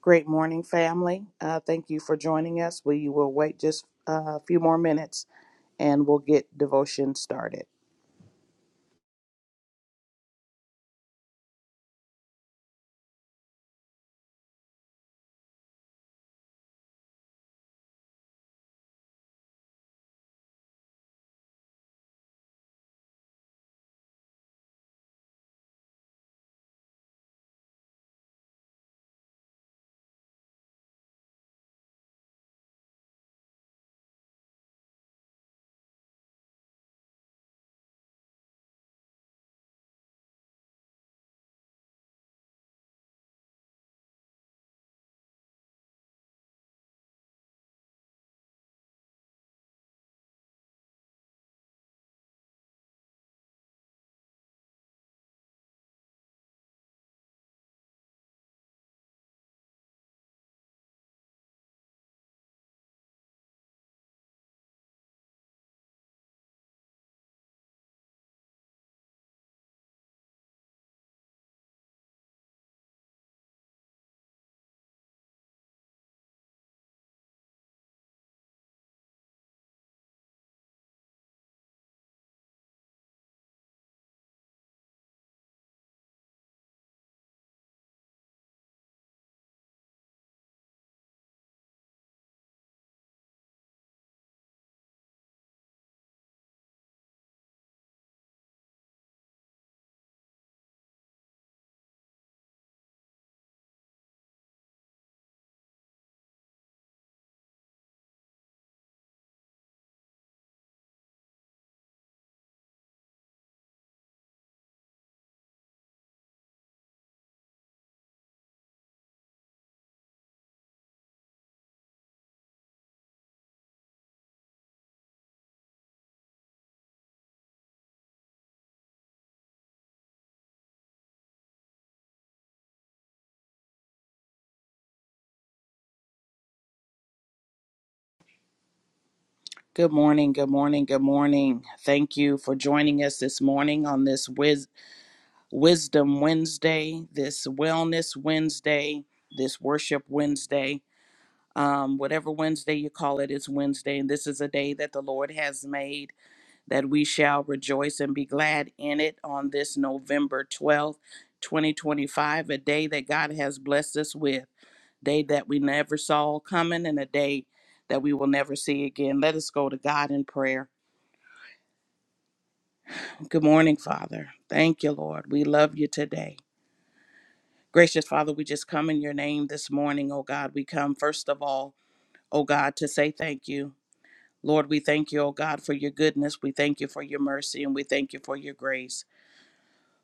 Great morning, family. Uh, thank you for joining us. We will wait just uh, a few more minutes and we'll get devotion started. Good morning, good morning, good morning. Thank you for joining us this morning on this Wis- Wisdom Wednesday, this Wellness Wednesday, this Worship Wednesday. Um, whatever Wednesday you call it, it's Wednesday. And this is a day that the Lord has made that we shall rejoice and be glad in it on this November 12th, 2025, a day that God has blessed us with, day that we never saw coming and a day that we will never see again. Let us go to God in prayer. Good morning, Father. Thank you, Lord. We love you today. Gracious Father, we just come in your name this morning, oh God. We come first of all, oh God, to say thank you. Lord, we thank you, oh God, for your goodness. We thank you for your mercy and we thank you for your grace.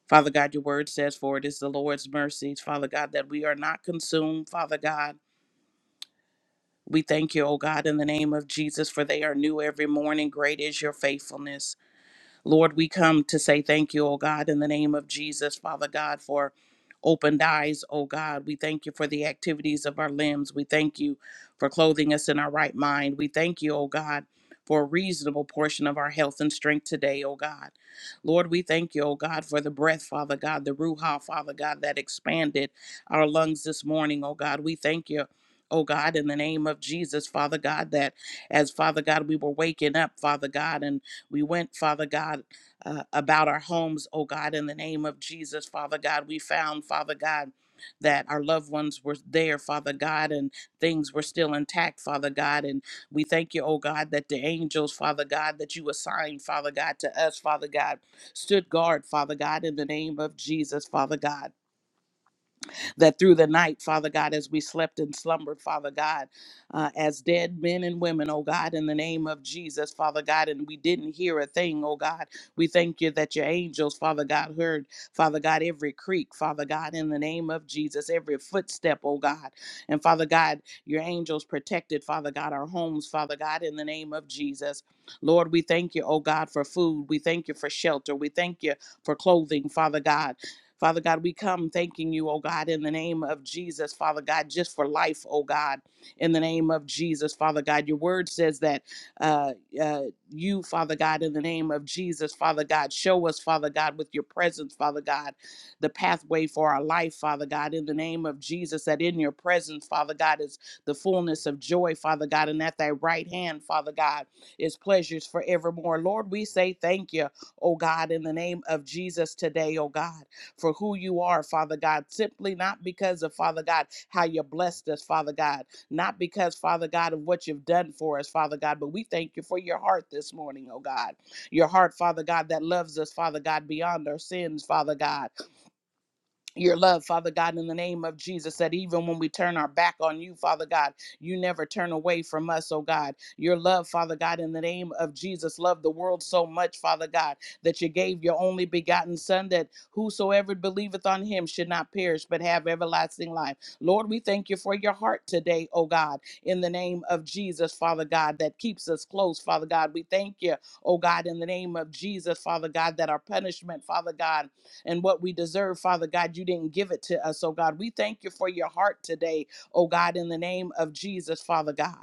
Father God, your word says, For it is the Lord's mercies, Father God, that we are not consumed, Father God. We thank you, O God, in the name of Jesus, for they are new every morning. Great is your faithfulness. Lord, we come to say thank you, oh God, in the name of Jesus, Father God, for opened eyes, oh God. We thank you for the activities of our limbs. We thank you for clothing us in our right mind. We thank you, oh God, for a reasonable portion of our health and strength today, oh God. Lord, we thank you, oh God, for the breath, Father God, the Ruha, Father God, that expanded our lungs this morning, oh God. We thank you. Oh God, in the name of Jesus, Father God, that as Father God, we were waking up, Father God, and we went, Father God, uh, about our homes, oh God, in the name of Jesus, Father God. We found, Father God, that our loved ones were there, Father God, and things were still intact, Father God. And we thank you, oh God, that the angels, Father God, that you assigned, Father God, to us, Father God, stood guard, Father God, in the name of Jesus, Father God that through the night, Father God, as we slept and slumbered, Father God, uh, as dead men and women, oh God, in the name of Jesus, Father God, and we didn't hear a thing, oh God. We thank you that your angels, Father God, heard, Father God, every creak, Father God, in the name of Jesus, every footstep, oh God. And Father God, your angels protected, Father God, our homes, Father God, in the name of Jesus. Lord, we thank you, oh God, for food. We thank you for shelter. We thank you for clothing, Father God. Father God, we come thanking you, oh God, in the name of Jesus, Father God, just for life, oh God, in the name of Jesus, Father God. Your word says that uh, uh, you, Father God, in the name of Jesus, Father God, show us, Father God, with your presence, Father God, the pathway for our life, Father God, in the name of Jesus, that in your presence, Father God, is the fullness of joy, Father God, and at thy right hand, Father God, is pleasures forevermore. Lord, we say thank you, oh God, in the name of Jesus today, oh God for who you are, Father God, simply not because of, Father God, how you blessed us, Father God, not because, Father God, of what you've done for us, Father God, but we thank you for your heart this morning, oh God. Your heart, Father God, that loves us, Father God, beyond our sins, Father God your love, Father God, in the name of Jesus, that even when we turn our back on you, Father God, you never turn away from us, oh God. Your love, Father God, in the name of Jesus, love the world so much, Father God, that you gave your only begotten Son, that whosoever believeth on him should not perish, but have everlasting life. Lord, we thank you for your heart today, oh God, in the name of Jesus, Father God, that keeps us close, Father God. We thank you, oh God, in the name of Jesus, Father God, that our punishment, Father God, and what we deserve, Father God. You didn't give it to us, oh God. We thank you for your heart today, oh God, in the name of Jesus, Father God.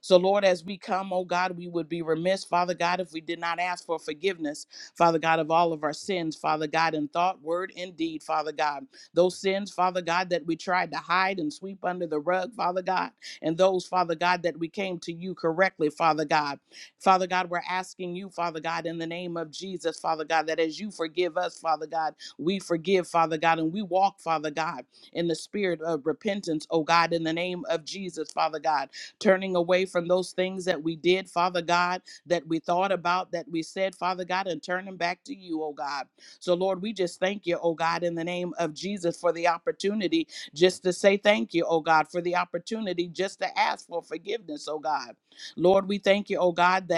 So, Lord, as we come, oh God, we would be remiss, Father God, if we did not ask for forgiveness, Father God, of all of our sins, Father God, in thought, word, and deed, Father God. Those sins, Father God, that we tried to hide and sweep under the rug, Father God, and those, Father God, that we came to you correctly, Father God. Father God, we're asking you, Father God, in the name of Jesus, Father God, that as you forgive us, Father God, we forgive, Father God, and we walk, Father God, in the spirit of repentance, oh God, in the name of Jesus, Father God turning away from those things that we did, Father God, that we thought about, that we said, Father God, and turn them back to you, oh God. So, Lord, we just thank you, oh God, in the name of Jesus for the opportunity just to say thank you, oh God, for the opportunity just to ask for forgiveness, oh God. Lord, we thank you, oh God, that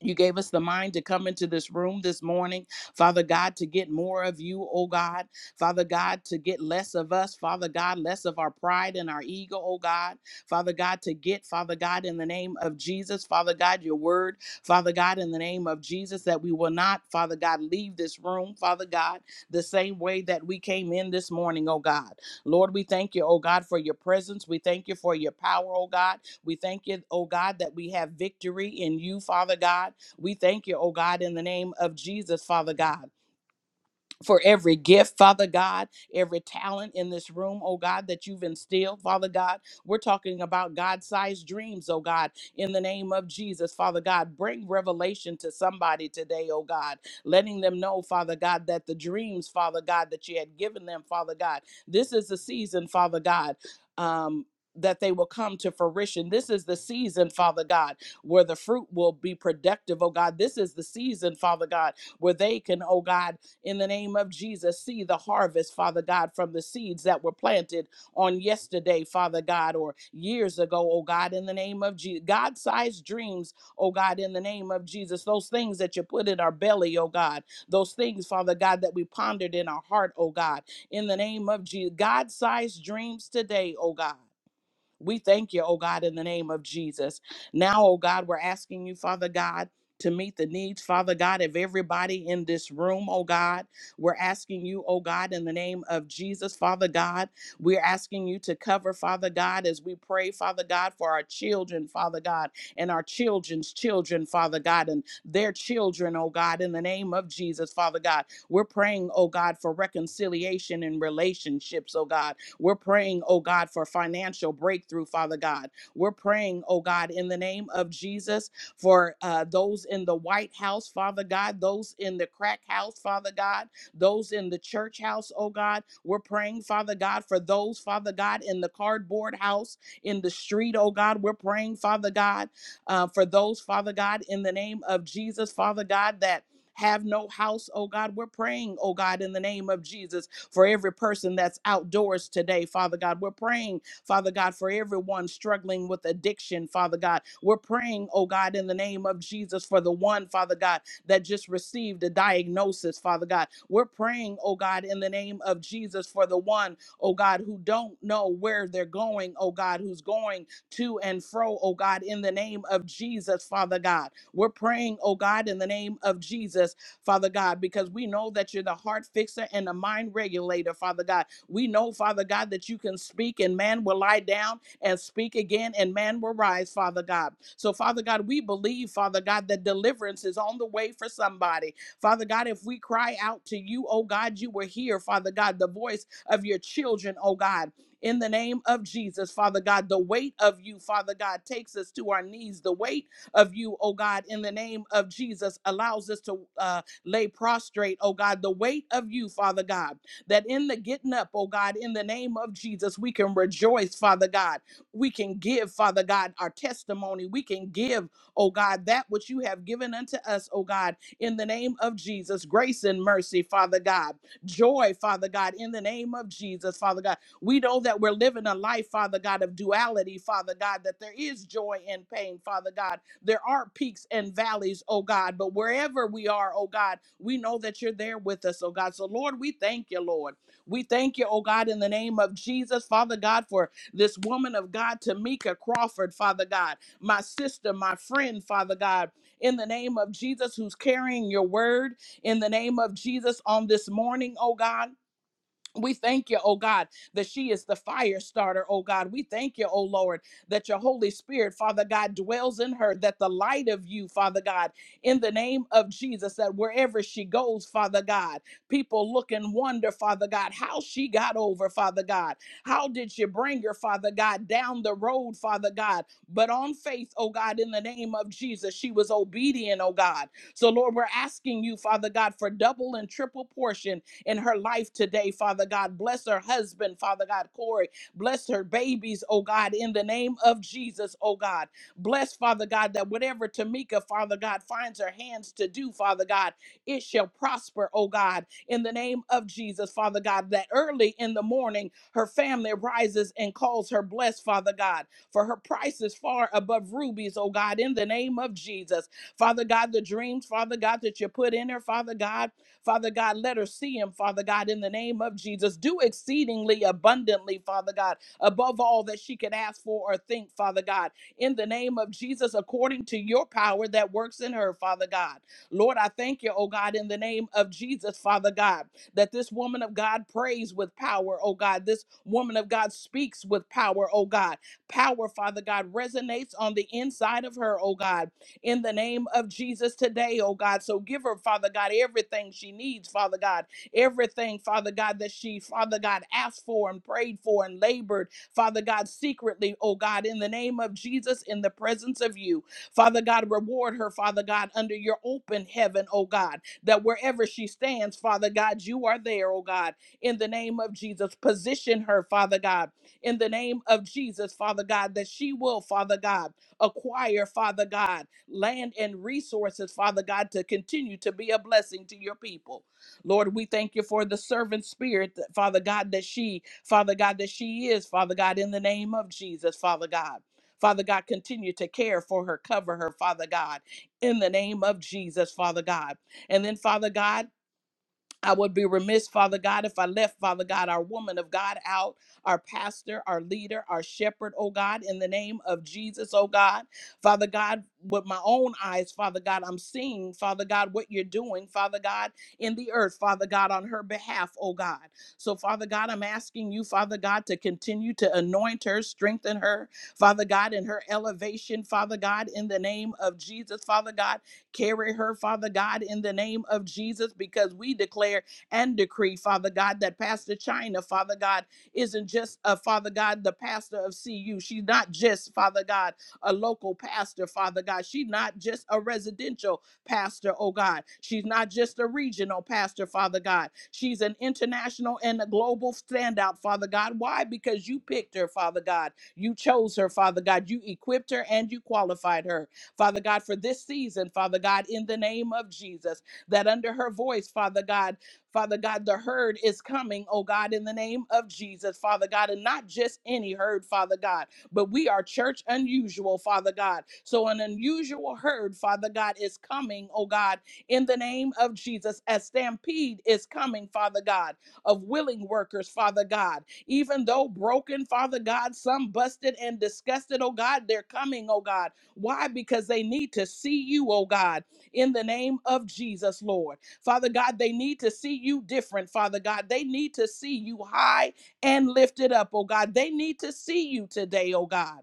you gave us the mind to come into this room this morning, Father God, to get more of you, oh God. Father God, to get less of us, Father God, less of our pride and our ego, oh God. Father God, to get, Father God, in the name of Jesus, Father God, your word, Father God, in the name of Jesus, that we will not, Father God, leave this room, Father God, the same way that we came in this morning, oh God. Lord, we thank you, oh God, for your presence. We thank you for your power, oh God. We thank you, oh God, that we have victory in you, Father God. We thank you, oh God, in the name of Jesus, Father God for every gift, Father God, every talent in this room, oh God, that you've instilled, Father God. We're talking about God sized dreams, oh God, in the name of Jesus, Father God. Bring revelation to somebody today, oh God, letting them know, Father God, that the dreams, Father God, that you had given them, Father God, this is the season, Father God. Um, that they will come to fruition. This is the season, Father God, where the fruit will be productive, oh God. This is the season, Father God, where they can, oh God, in the name of Jesus. See the harvest, Father God, from the seeds that were planted on yesterday, Father God, or years ago, oh God, in the name of Jesus. God sized dreams, oh God, in the name of Jesus. Those things that you put in our belly, oh God. Those things, Father God, that we pondered in our heart, oh God, in the name of Jesus. God sized dreams today, oh God. We thank you, oh God, in the name of Jesus. Now, oh God, we're asking you, Father God, to meet the needs, Father God, of everybody in this room, oh God. We're asking you, oh God, in the name of Jesus, Father God. We're asking you to cover, Father God, as we pray, Father God, for our children, Father God, and our children's children, Father God, and their children, oh God, in the name of Jesus, Father God. We're praying, oh God, for reconciliation in relationships, oh God. We're praying, oh God, for financial breakthrough, Father God. We're praying, oh God, in the name of Jesus for uh, those in the White House, Father God, those in the crack house, Father God, those in the church house, oh God. We're praying, Father God, for those, Father God, in the cardboard house, in the street, oh God. We're praying, Father God, uh, for those, Father God, in the name of Jesus, Father God, that have no house, oh God. We're praying, oh God, in the name of Jesus for every person that's outdoors today, Father God. We're praying, Father God, for everyone struggling with addiction, Father God. We're praying, oh God, in the name of Jesus, for the one, Father God, that just received a diagnosis, Father God. We're praying, oh God, in the name of Jesus, for the one, oh God, who don't know where they're going, oh God, who's going to and fro, oh God, in the name of Jesus, Father God. We're praying, oh God, in the name of Jesus Father God, because we know that you're the heart fixer and the mind regulator, Father God. We know, Father God, that you can speak and man will lie down and speak again and man will rise, Father God. So, Father God, we believe, Father God, that deliverance is on the way for somebody. Father God, if we cry out to you, oh God, you were here, Father God, the voice of your children, oh God in the name of Jesus, Father God. The weight of you, Father God, takes us to our knees. The weight of you, oh God, in the name of Jesus, allows us to uh, lay prostrate, oh God, the weight of you, Father God, that in the getting up, oh God, in the name of Jesus, we can rejoice, Father God. We can give, Father God, our testimony. We can give, oh God, that which you have given unto us, oh God, in the name of Jesus, grace and mercy, Father God, joy, Father God, in the name of Jesus, Father God. We know that we're living a life, Father God, of duality, Father God, that there is joy and pain, Father God there are peaks and valleys, oh God, but wherever we are, oh God, we know that you're there with us, oh God. So, Lord, we thank you, Lord. We thank you, oh God, in the name of Jesus, Father God, for this woman of God, Tamika Crawford, Father God, my sister, my friend, Father God, in the name of Jesus, who's carrying your word in the name of Jesus on this morning, oh God. We thank you, oh God, that she is the fire starter, oh God. We thank you, oh Lord, that your Holy Spirit, Father God, dwells in her, that the light of you, Father God, in the name of Jesus, that wherever she goes, Father God, people look and wonder, Father God, how she got over, Father God. How did you bring her, Father God, down the road, Father God? But on faith, oh God, in the name of Jesus, she was obedient, oh God. So, Lord, we're asking you, Father God, for double and triple portion in her life today, Father God. Bless her husband, Father God, Corey. Bless her babies, oh God, in the name of Jesus, oh God. Bless, Father God, that whatever Tamika, Father God, finds her hands to do, Father God, it shall prosper, oh God, in the name of Jesus, Father God, that early in the morning her family rises and calls her blessed, Father God, for her price is far above rubies, oh God, in the name of Jesus. Father God, the dreams, Father God, that you put in her, Father God. Father God, let her see him, Father God, in the name of Jesus. Do exceedingly abundantly, Father God, above all that she could ask for or think, Father God, in the name of Jesus, according to your power that works in her, Father God. Lord, I thank you, oh God, in the name of Jesus, Father God, that this woman of God prays with power, oh God. This woman of God speaks with power, oh God. Power, Father God, resonates on the inside of her, oh God in the name of Jesus today, oh God. So give her, Father God, everything she needs, Father God, everything, Father God, that she, Father God, asked for and prayed for and labored, Father God, secretly, oh God, in the name of Jesus, in the presence of you. Father God, reward her, Father God, under your open heaven, oh God, that wherever she stands, Father God, you are there, oh God, in the name of Jesus. Position her, Father God, in the name of Jesus, Father God, that she will, Father God, acquire, Father God land and resources, Father God, to continue to be a blessing to your people. Lord, we thank you for the servant spirit, that- Father God, that she, Father God, that she is, Father God, in the name of Jesus, Father God. Father God, continue to care for her, cover her, Father God, in the name of Jesus, Father God. And then, Father God, I would be remiss, Father God, if I left, Father God, our woman of God out, our pastor, our leader, our shepherd, oh God, in the name of Jesus, oh God. Father God, with my own eyes, Father God, I'm seeing, Father God, what you're doing, Father God, in the earth, Father God, on her behalf, oh God. So, Father God, I'm asking you, Father God, to continue to anoint her, strengthen her, Father God, in her elevation, Father God, in the name of Jesus, Father God. Carry her, Father God, in the name of Jesus, because we declare and decree, Father God, that Pastor China, Father God, isn't just a Father God, the pastor of CU. She's not just, Father God, a local pastor, Father God. She's not just a residential pastor, oh God. She's not just a regional pastor, Father God. She's an international and a global standout, Father God. Why? Because you picked her, Father God. You chose her, Father God. You equipped her and you qualified her. Father God, for this season, Father God, in the name of Jesus, that under her voice, Father God, Father God, the herd is coming, oh God, in the name of Jesus, Father God, and not just any herd, Father God, but we are church unusual, Father God. So an unusual herd, Father God, is coming, oh God, in the name of Jesus, as stampede is coming, Father God, of willing workers, Father God. Even though broken, Father God, some busted and disgusted, oh God, they're coming, oh God why? Because they need to see you, oh God, in the name of Jesus, Lord. Father God, they need to see you different, Father God. They need to see you high and lifted up, oh God. They need to see you today, oh God,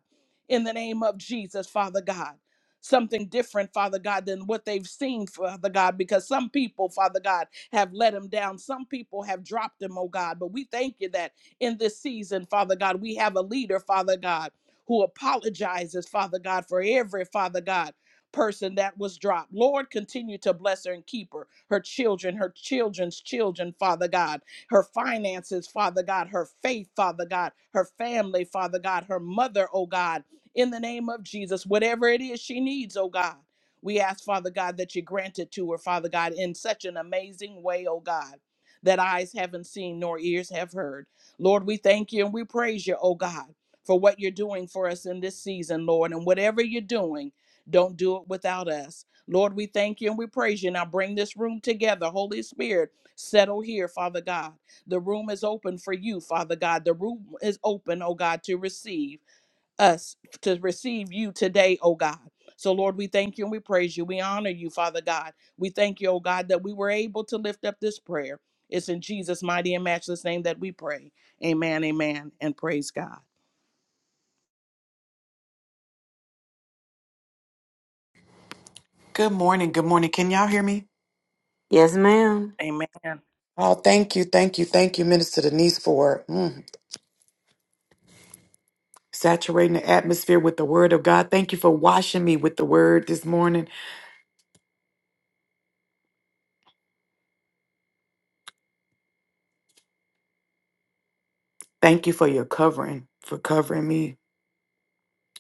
in the name of Jesus, Father God. Something different, Father God, than what they've seen, Father God, because some people, Father God, have let them down. Some people have dropped them, oh God. But we thank you that in this season, Father God, we have a leader, Father God who apologizes, Father God, for every Father God person that was dropped. Lord, continue to bless her and keep her, her children, her children's children, Father God, her finances, Father God, her faith, Father God, her family, Father God, her mother, oh God, in the name of Jesus, whatever it is she needs, oh God. We ask, Father God, that you grant it to her, Father God, in such an amazing way, oh God, that eyes haven't seen nor ears have heard. Lord, we thank you and we praise you, oh God for what you're doing for us in this season, Lord. And whatever you're doing, don't do it without us. Lord, we thank you and we praise you. Now bring this room together. Holy Spirit, settle here, Father God. The room is open for you, Father God. The room is open, oh God, to receive us, to receive you today, oh God. So, Lord, we thank you and we praise you. We honor you, Father God. We thank you, oh God, that we were able to lift up this prayer. It's in Jesus' mighty and matchless name that we pray. Amen, amen, and praise God. Good morning. Good morning. Can y'all hear me? Yes, ma'am. Amen. Oh, thank you. Thank you. Thank you, Minister Denise, for mm, saturating the atmosphere with the word of God. Thank you for washing me with the word this morning. Thank you for your covering, for covering me.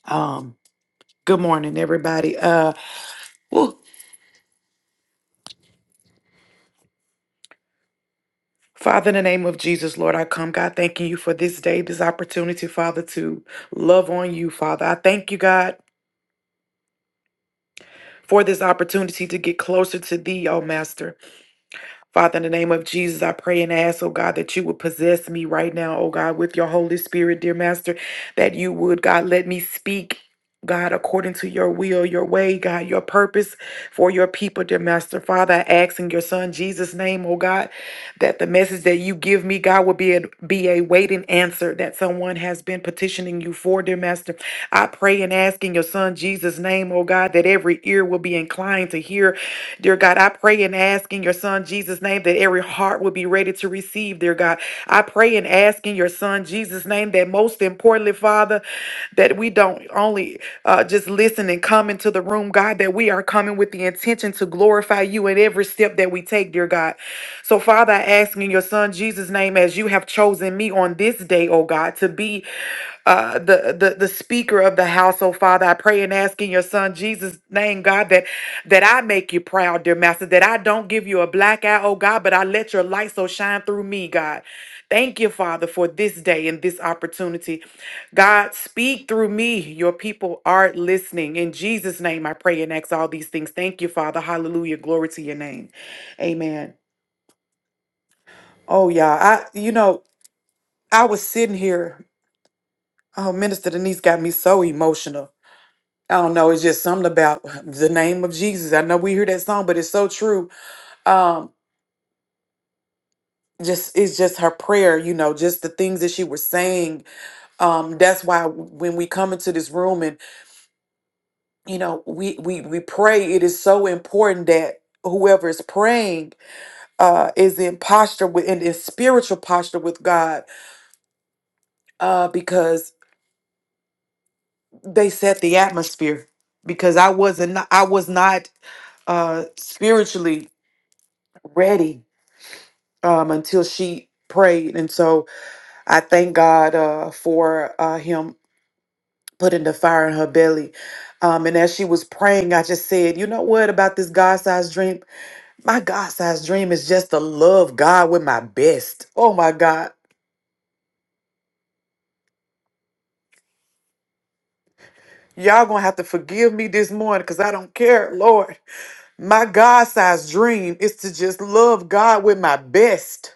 Um, good morning, everybody. Uh, woo. Father, in the name of Jesus, Lord, I come, God, thanking you for this day, this opportunity, Father, to love on you, Father. I thank you, God, for this opportunity to get closer to thee, oh Master. Father, in the name of Jesus, I pray and ask, oh God, that you would possess me right now, oh God, with your Holy Spirit, dear Master, that you would, God, let me speak. God, according to your will, your way, God, your purpose for your people, dear Master. Father, I ask in your Son Jesus' name, oh God, that the message that you give me, God, will be a, be a waiting answer that someone has been petitioning you for, dear Master. I pray and ask in your Son Jesus' name, oh God, that every ear will be inclined to hear Dear God, I pray and ask in your son Jesus' name that every heart will be ready to receive, dear God. I pray and ask in your son Jesus' name that most importantly, Father, that we don't only uh, just listen and come into the room, God, that we are coming with the intention to glorify you in every step that we take, dear God. So, Father, I ask in your son Jesus' name as you have chosen me on this day, oh God, to be uh, the, the the speaker of the house, oh Father, I pray and ask in your Son Jesus' name, God, that that I make you proud, dear Master, that I don't give you a black eye, oh God, but I let your light so shine through me, God. Thank you, Father, for this day and this opportunity. God, speak through me. Your people are listening. In Jesus' name, I pray and ask all these things. Thank you, Father. Hallelujah. Glory to your name. Amen. Oh, yeah. I, you know, I was sitting here. Oh, Minister Denise got me so emotional I don't know. It's just something about the name of Jesus. I know we hear that song, but it's so true. Um, just it's just her prayer, you know, just the things that she was saying. Um, that's why when we come into this room and you know we we we pray, it is so important that whoever is praying uh is in posture with in, in spiritual posture with God, uh, because they set the atmosphere. Because I wasn't, I was not uh spiritually ready um, until she prayed. And so I thank God uh, for uh, him putting the fire in her belly. Um, and as she was praying, I just said, you know what about this God sized dream? My God sized dream is just to love God with my best. Oh my God. Y'all gonna have to forgive me this morning because I don't care, Lord. My God sized dream is to just love God with my best.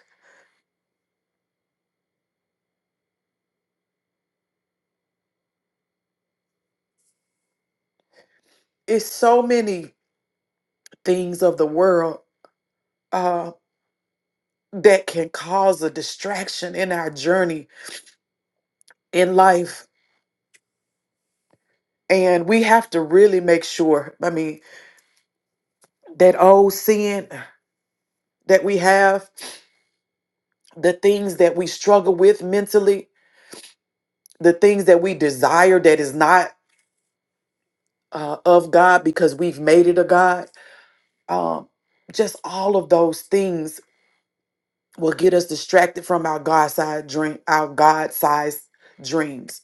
It's so many things of the world. uh, that can cause a distraction in our journey in life. And we have to really make sure, I mean, that old sin that we have, the things that we struggle with mentally, the things that we desire that is not uh, of God because we've made it a God, um, just all of those things will get us distracted from our God-sized dream, our God-sized dreams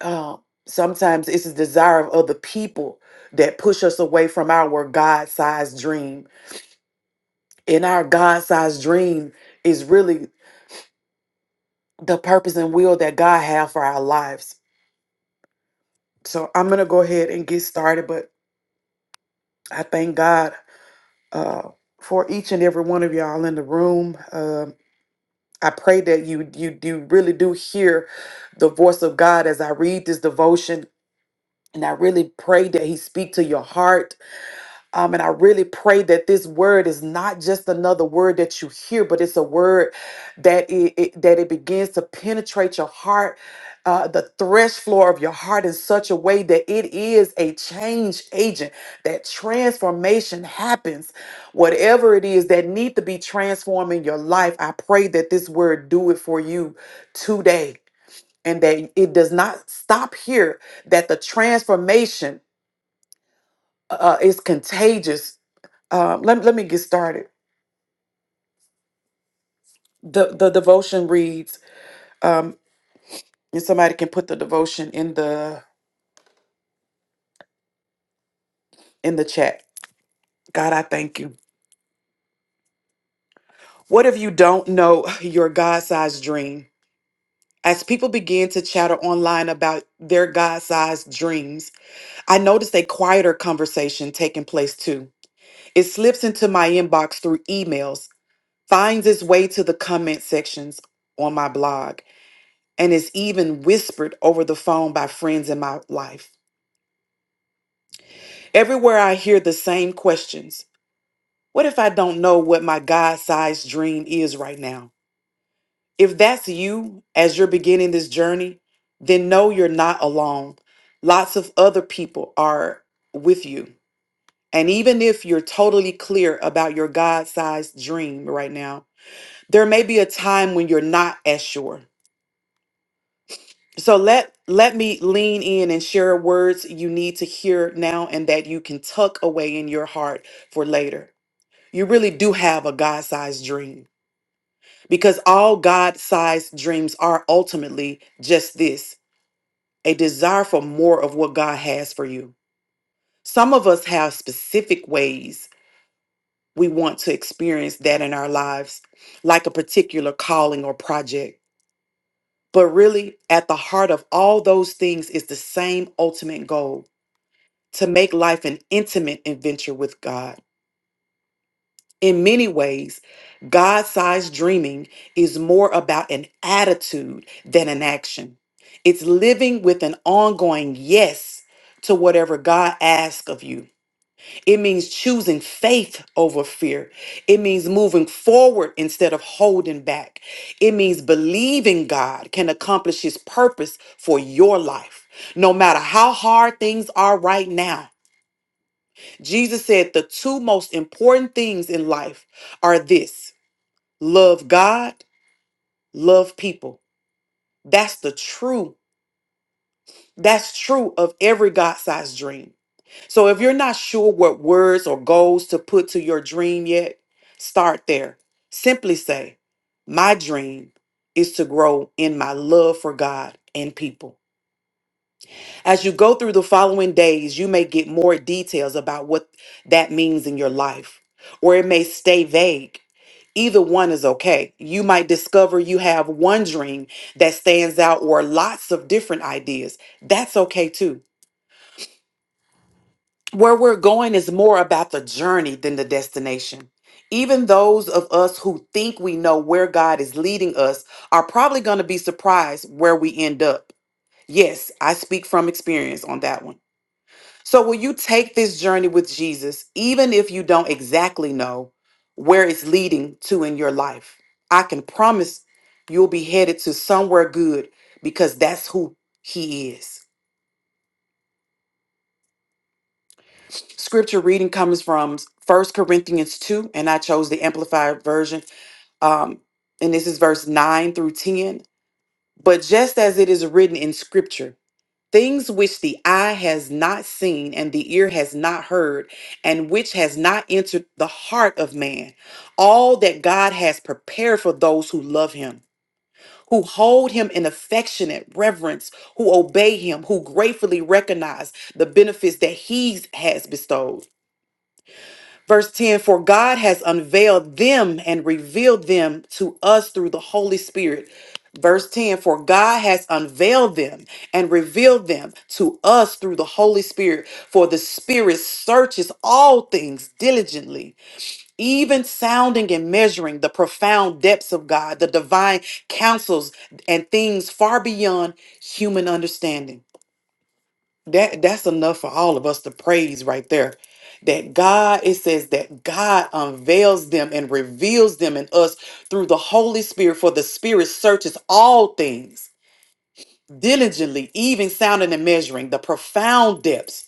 uh, sometimes it's the desire of other people that push us away from our god-sized dream and our god-sized dream is really the purpose and will that god have for our lives so i'm gonna go ahead and get started but i thank god uh, for each and every one of y'all in the room Um i pray that you you you really do hear the voice of god as i read this devotion and i really pray that he speak to your heart Um, and I really pray that this word is not just another word that you hear, but it's a word that it, it- that it begins to penetrate your heart, uh, the thresh floor of your heart in such a way that it is a change agent. That transformation happens, whatever it is that need to be transformed in your life. I pray that this word do it for you today, and that it does not stop here. That the transformation uh, is contagious um, let, let me get started. The the devotion reads, um, and somebody can put the devotion in the in the chat. God, I thank you. What if you don't know your God-sized dream? As people begin to chatter online about their God-sized dreams, I noticed a quieter conversation taking place too. It slips into my inbox through emails, finds its way to the comment sections on my blog, and is even whispered over the phone by friends in my life. Everywhere I hear the same questions. What if I don't know what my God sized dream is right now? If that's you as you're beginning this journey, then know you're not alone. Lots of other people are with you. And even if you're totally clear about your God sized dream right now, there may be a time when you're not as sure. So let let me lean in and share words you need to hear now and that you can tuck away in your heart for later. you really do have a God sized dream because all God sized dreams are ultimately just this a desire for more of what God has for you. Some of us have specific ways we want to experience that in our lives, like a particular calling or project. But really, at the heart of all those things is the same ultimate goal to make life an intimate adventure with God. In many ways, God sized dreaming is more about an attitude than an action. It's living with an ongoing yes to whatever God asks of you. It means choosing faith over fear. It means moving forward instead of holding back. It means believing God can accomplish his purpose for your life, no matter how hard things are right now. Jesus said the two most important things in life are this love God, love people. That's the true. That's true of every God sized dream. So if you're not sure what words or goals to put to your dream yet, start there. Simply say, My dream is to grow in my love for God and people. As you go through the following days, you may get more details about what that means in your life, or it may stay vague. Either one is okay. You might discover you have one dream that stands out or lots of different ideas. That's okay too. Where we're going is more about the journey than the destination. Even those of us who think we know where God is leading us are probably going to be surprised where we end up. Yes, I speak from experience on that one. So, will you take this journey with Jesus, even if you don't exactly know where it's leading to in your life? I can promise you'll be headed to somewhere good because that's who He is. Scripture reading comes from First Corinthians 2, and I chose the Amplified Version. Um, and this is verse 9 through 10. But just as it is written in Scripture, Things which the eye has not seen and the ear has not heard, and which has not entered the heart of man, all that God has prepared for those who love him, who hold him in affectionate reverence, who obey him, who gratefully recognize the benefits that he has bestowed. Verse 10 For God has unveiled them and revealed them to us through the Holy Spirit. Verse 10 For God has unveiled them and revealed them to us through the Holy Spirit. For the Spirit searches all things diligently, even sounding and measuring the profound depths of God, the divine counsels and things far beyond human understanding. That that's enough for all of us to praise right there. That God, it says that God unveils them and reveals them in us through the Holy Spirit, for the Spirit searches all things diligently, even sounding and measuring the profound depths,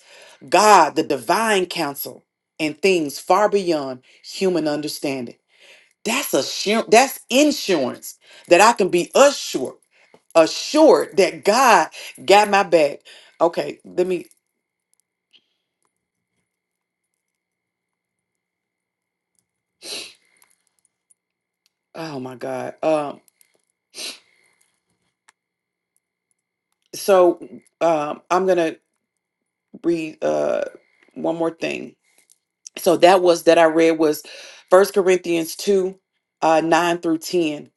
God, the divine counsel, and things far beyond human understanding. That's assurance, that's insurance that I can be assured, assured that God got my back. Okay, let me Oh my God. Um, so um, I'm gonna read uh one more thing. So that was that I read was First Corinthians two, uh, nine through ten,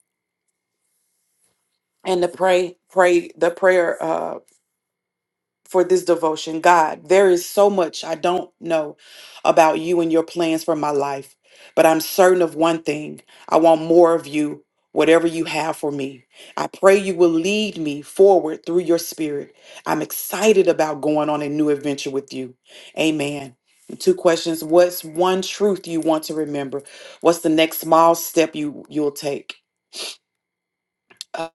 and the pray pray the prayer. uh, for this devotion. God, there is so much I don't know about you and your plans for my life, but I'm certain of one thing I want more of you, whatever you have for me. I pray you will lead me forward through your spirit. I'm excited about going on a new adventure with you. Amen. And Two questions. What's one truth you want to remember? What's the next small step you you'll take? Uh,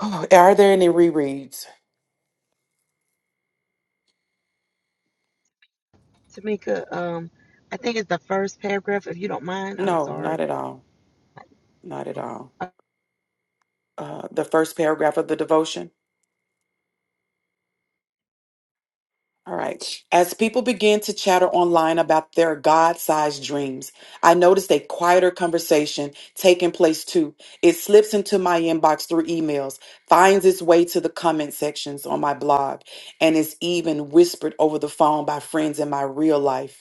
oh, are there any rereads? Tamika, um, I think it's the first paragraph. If you don't mind, I'm No, not sorry. at all. Not at all. uh, the first paragraph of the devotion. All right. As people begin to chatter online about their God sized dreams, I noticed a quieter conversation taking place too. It slips into my inbox through emails, finds its way to the comment sections on my blog, and is even whispered over the phone by friends in my real life.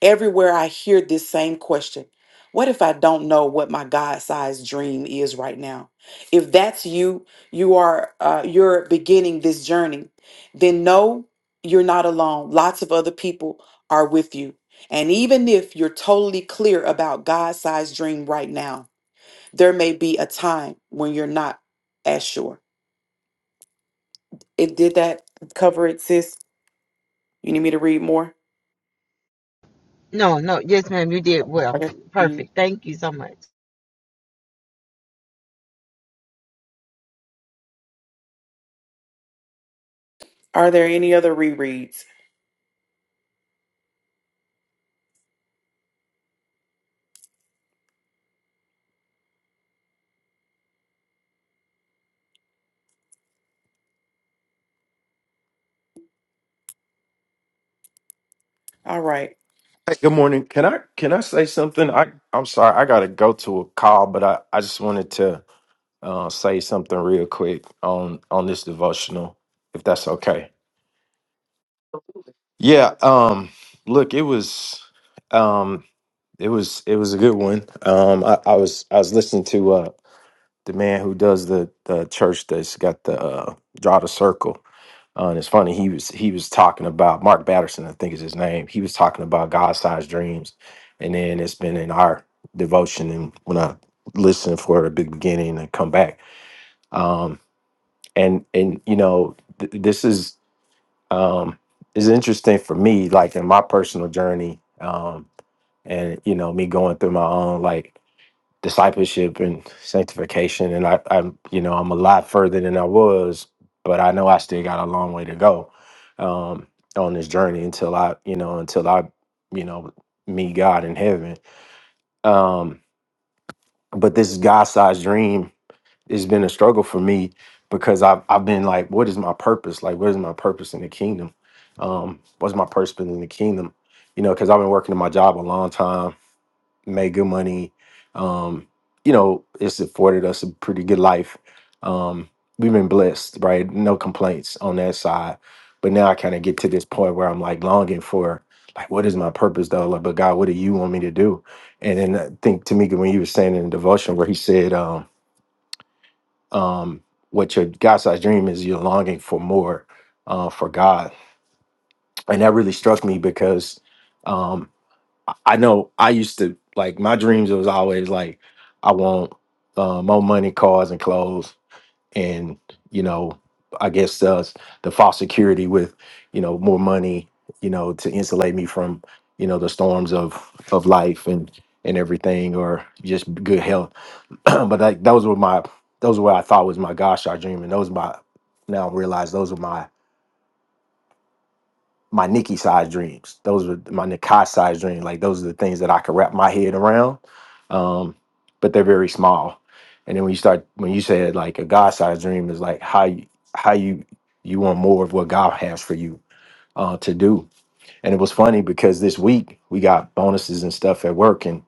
Everywhere I hear this same question What if I don't know what my God sized dream is right now? If that's you, you are, uh, you're beginning this journey, then know you're not alone. Lots of other people are with you. And even if you're totally clear about God sized dream right now, there may be a time when you're not as sure. It did that cover it, sis. You need me to read more? No, no, yes, ma'am, you did well. Okay. Mm. Perfect. Thank you so much. Are there any other rereads? All right. Hey, good morning. Can I can I say something? I I'm sorry, I gotta go to a call, but I I just wanted to uh, say something real quick on on this devotional, if that's okay. Yeah. Um. Look, it was, um, it was it was a good one. Um. I, I was I was listening to uh the man who does the the church that's got the uh, draw the circle. Uh, and it's funny he was he was talking about Mark Batterson, I think is his name. He was talking about God sized dreams, and then it's been in our devotion. And when I listen for a big beginning and come back, um, and and you know th- this is um, is interesting for me, like in my personal journey, um, and you know me going through my own like discipleship and sanctification and I, I'm you know I'm a lot further than I was but I know I still got a long way to go um on this journey until I you know until I you know meet God in heaven um but this God-sized dream has been a struggle for me because I've I've been like what is my purpose like what is my purpose in the kingdom um what's my purpose in the kingdom you know because I've been working in my job a long time made good money. Um, you know, it's afforded us a pretty good life. Um, we've been blessed, right? No complaints on that side. But now I kind of get to this point where I'm like longing for, like, what is my purpose though? Like, but God, what do you want me to do? And then I think Tamika, when you were saying in the devotion where he said, um, um, what your God sized dream is, you're longing for more uh, for God. And that really struck me because um, I I know I used to like my dreams was always like I want uh, more money, cars, and clothes, and you know I guess uh, the false security with you know more money, you know to insulate me from you know the storms of of life and and everything, or just good health. but like those were my those were what I thought was my gosh, I dream, and those my now I realize those were my my Nikki size dreams. Those were my Nikai size dreams. Like those are the things that I could wrap my head around. Um, but they're very small. And then when you start when you said like a God size dream is like how you how you you want more of what God has for you uh to do. And it was funny because this week we got bonuses and stuff at work and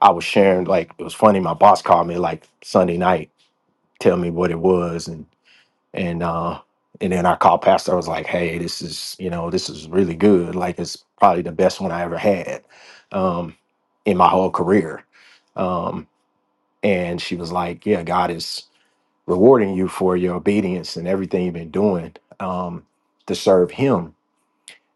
I was sharing like it was funny, my boss called me like Sunday night, tell me what it was and and uh and then I called pastor I was like hey this is you know this is really good like it's probably the best one i ever had um in my whole career um and she was like yeah god is rewarding you for your obedience and everything you've been doing um to serve him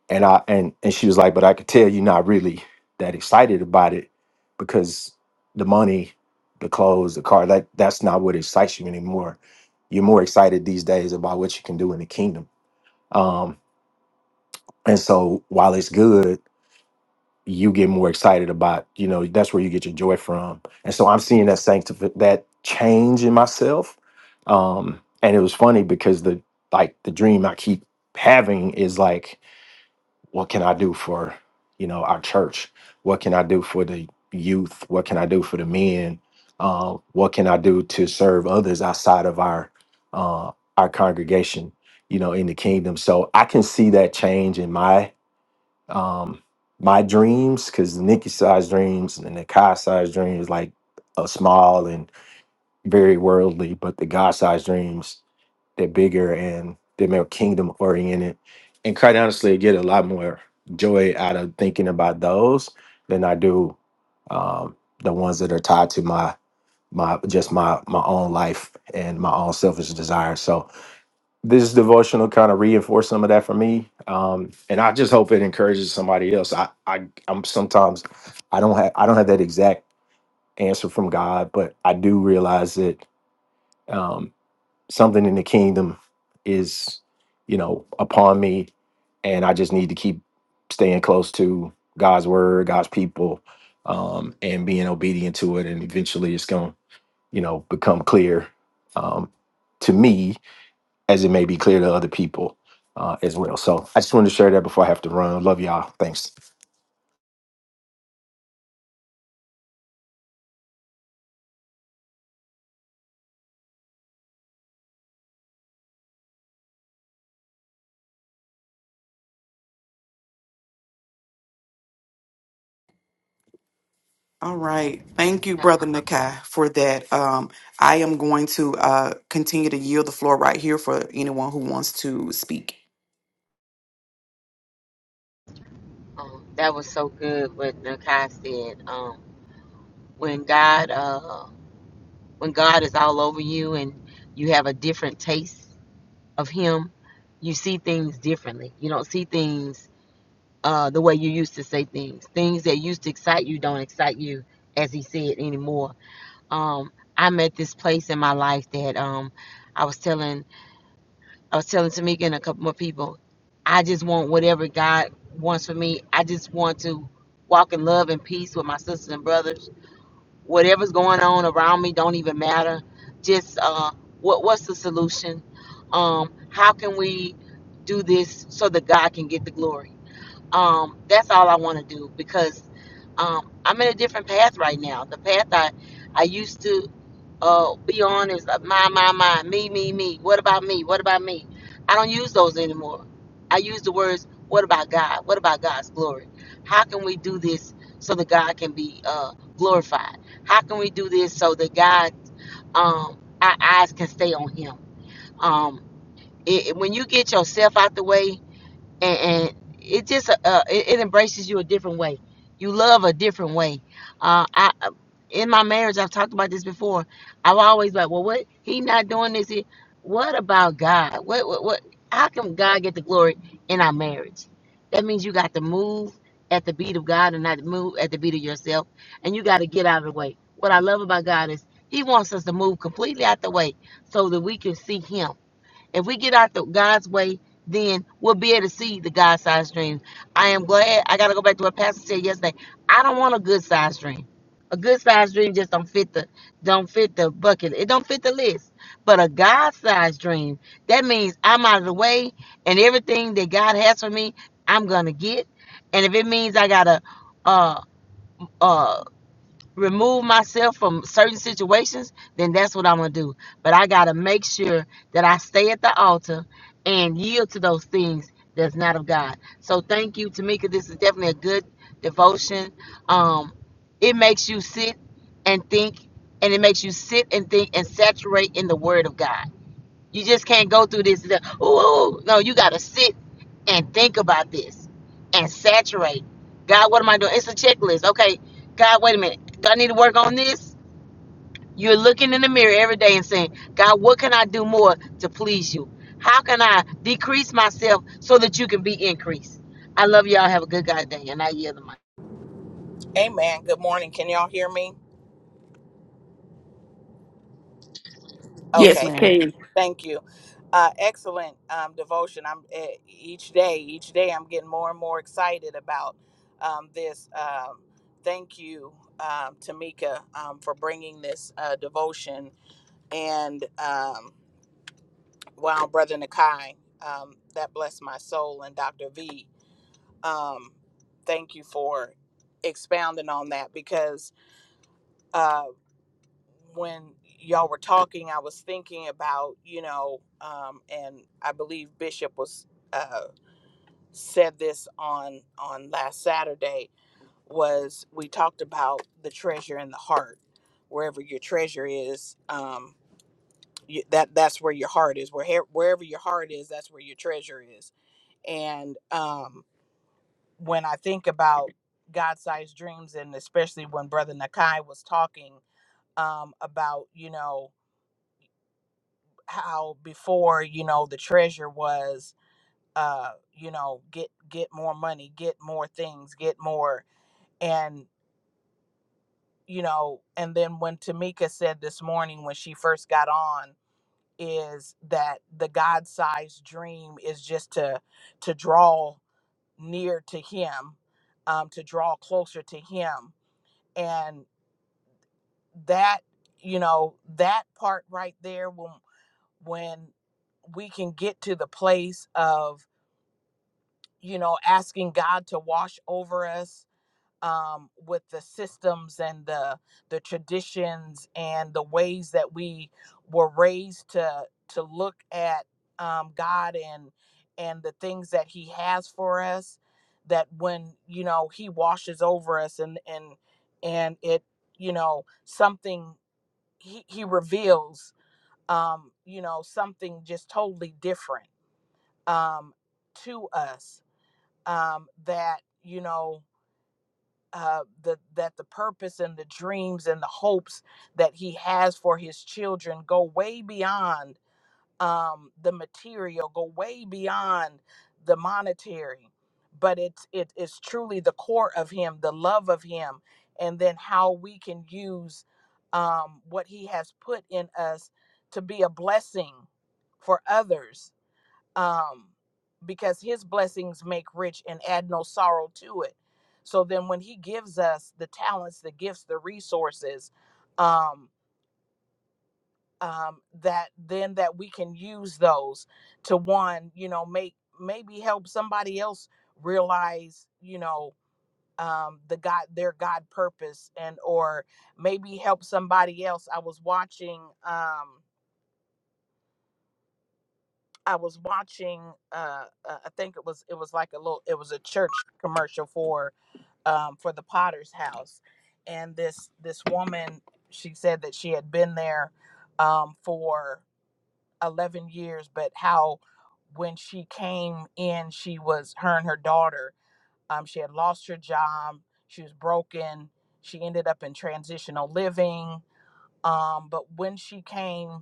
and I and and she was like, but I could tell you're not really that excited about it because the money, the clothes, the car, that that's not what excites you anymore. You're more excited these days about what you can do in the kingdom. Um, and so while it's good, you get more excited about, you know, that's where you get your joy from. And so I'm seeing that sanctif- that change in myself. Um, and it was funny because the like the dream I keep having is like what can I do for, you know, our church? What can I do for the youth? What can I do for the men? Uh, what can I do to serve others outside of our uh, our congregation? You know, in the kingdom. So I can see that change in my um, my dreams because Nikki size dreams and the Kai size dreams like a small and very worldly, but the God size dreams they're bigger and they're more kingdom oriented. And quite honestly, I get a lot more joy out of thinking about those than I do um, the ones that are tied to my my just my my own life and my own selfish desires. So this devotional kind of reinforced some of that for me, um, and I just hope it encourages somebody else. I, I I'm sometimes I don't have I don't have that exact answer from God, but I do realize that. Um, something in the kingdom is, you know, upon me, and I just need to keep staying close to God's word, God's people, um, and being obedient to it. And eventually, it's going to, you know, become clear um, to me as it may be clear to other people uh, as well. So I just wanted to share that before I have to run. Love y'all. Thanks. All right. Thank you, Uh, Brother Nakai, for that. Um, I am going to uh, continue to yield the floor right here for anyone who wants to speak. um, that was so good what Nakai said. Um, when God, uh, when God is all over you and you have a different taste of Him, you see things differently. You don't see things uh, the way you used to say things. Things that used to excite you don't excite you, as He said anymore. um I'm at this place in my life that um I was telling I was telling Tamika and a couple more people, I just want whatever God wants for me. I just want to walk in love and peace with my sisters and brothers. Whatever's going on around me don't even matter. Just uh what what's the solution? Um how can we do this so that God can get the glory? Um that's all I want to do because um I'm in a different path right now. The path I I used to Oh, be honest. uh, My, my, my. Me, me, me. What about me? What about me? I don't use those anymore. I use the words, what about God? What about God's glory? How can we do this so that God can be uh, glorified? How can we do this so that God, um, our eyes can stay on Him? Um, it, it- when you get yourself out the way, and, and it just uh, uh, it, it embraces you a different way. You love a different way. Uh, I in my marriage, I've talked about this before. I've always like, well, what he not doing this? He, what about God? What, what what? How come God get the glory in our marriage? That means you got to move at the beat of God and not move at the beat of yourself, and you got to get out of the way. What I love about God is He wants us to move completely out the way so that we can see Him if we get out the God's way, then we'll be able to see the God sized dreams. I am glad. I got to go back to what Pastor said yesterday. I don't want a good sized dream. A good sized dream just don't fit the don't fit the bucket. It don't fit the list. But a God sized dream, that means I'm out of the way and everything that God has for me, I'm gonna get. And if it means I gotta uh uh remove myself from certain situations, then that's what I'm gonna do. But I gotta make sure that I stay at the altar and yield to those things that's not of God. So thank you, Tamika. This is definitely a good devotion. Um, it makes you sit and think, and it makes you sit and think and saturate in the Word of God. You just can't go through this. the- Ooh, no, you got to sit and think about this and saturate. God, what am I doing? It's a checklist. Okay, God, wait a minute. Do I need to work on this? You're looking in the mirror every day and saying, God, what can I do more to please you? How can I decrease myself so that you can be increased? I love y'all. Have a good God day. And I yield the mic. Amen. Good morning. Can y'all hear me? Yes, Yes, we Okay. ma'am. can. Thank you. Uh, excellent um, devotion. I'm eh, each day, each day, I'm getting more and more excited about um, this. Um, thank you, um, Tamika, um, for bringing this uh, devotion. And um, wow, Brother Nakai, um, that blessed my soul. And Dr. V, um, thank you for expounding on that because Um, when y'all were talking, I was thinking about, you know, um, and I believe Bishop was uh, said this on on last Saturday was we talked about the treasure in the heart, wherever your treasure is, um, you, that that's where your heart is. Where wherever your heart is, that's where your treasure is. And um, when I think about God-sized dreams, and especially when Brother Nakai was talking um, about, you know. how before you know the treasure was uh you know get get more money get more things get more and you know and then when tamika said this morning when she first got on is that the god-sized dream is just to to draw near to him um to draw closer to him and that you know that part right there when when we can get to the place of you know, asking God to wash over us um, with the systems and the the traditions and the ways that we were raised to to look at um, God and and the things that He has for us. That when you know He washes over us and and and it you know something He He reveals um, you know something just totally different um, to us um, that you know uh, the that the purpose and the dreams and the hopes that he has for his children go way beyond um, the material, go way beyond the monetary, but it's it is truly the core of him, the love of him, and then how we can use um, what he has put in us to be a blessing for others um, because his blessings make rich and add no sorrow to it. So then, when he gives us the talents, the gifts, the resources, um, um, that then that we can use those to one, you know, make maybe help somebody else realize, you know, um, the God their God purpose, and or maybe help somebody else. I was watching. Um, I was watching. Uh, uh, I think it was it was like a little. It was a church commercial for um, for the Potter's House, and this this woman she said that she had been there um, for eleven years, but how when she came in, she was her and her daughter. Um, she had lost her job. She was broken. She ended up in transitional living. Um, but when she came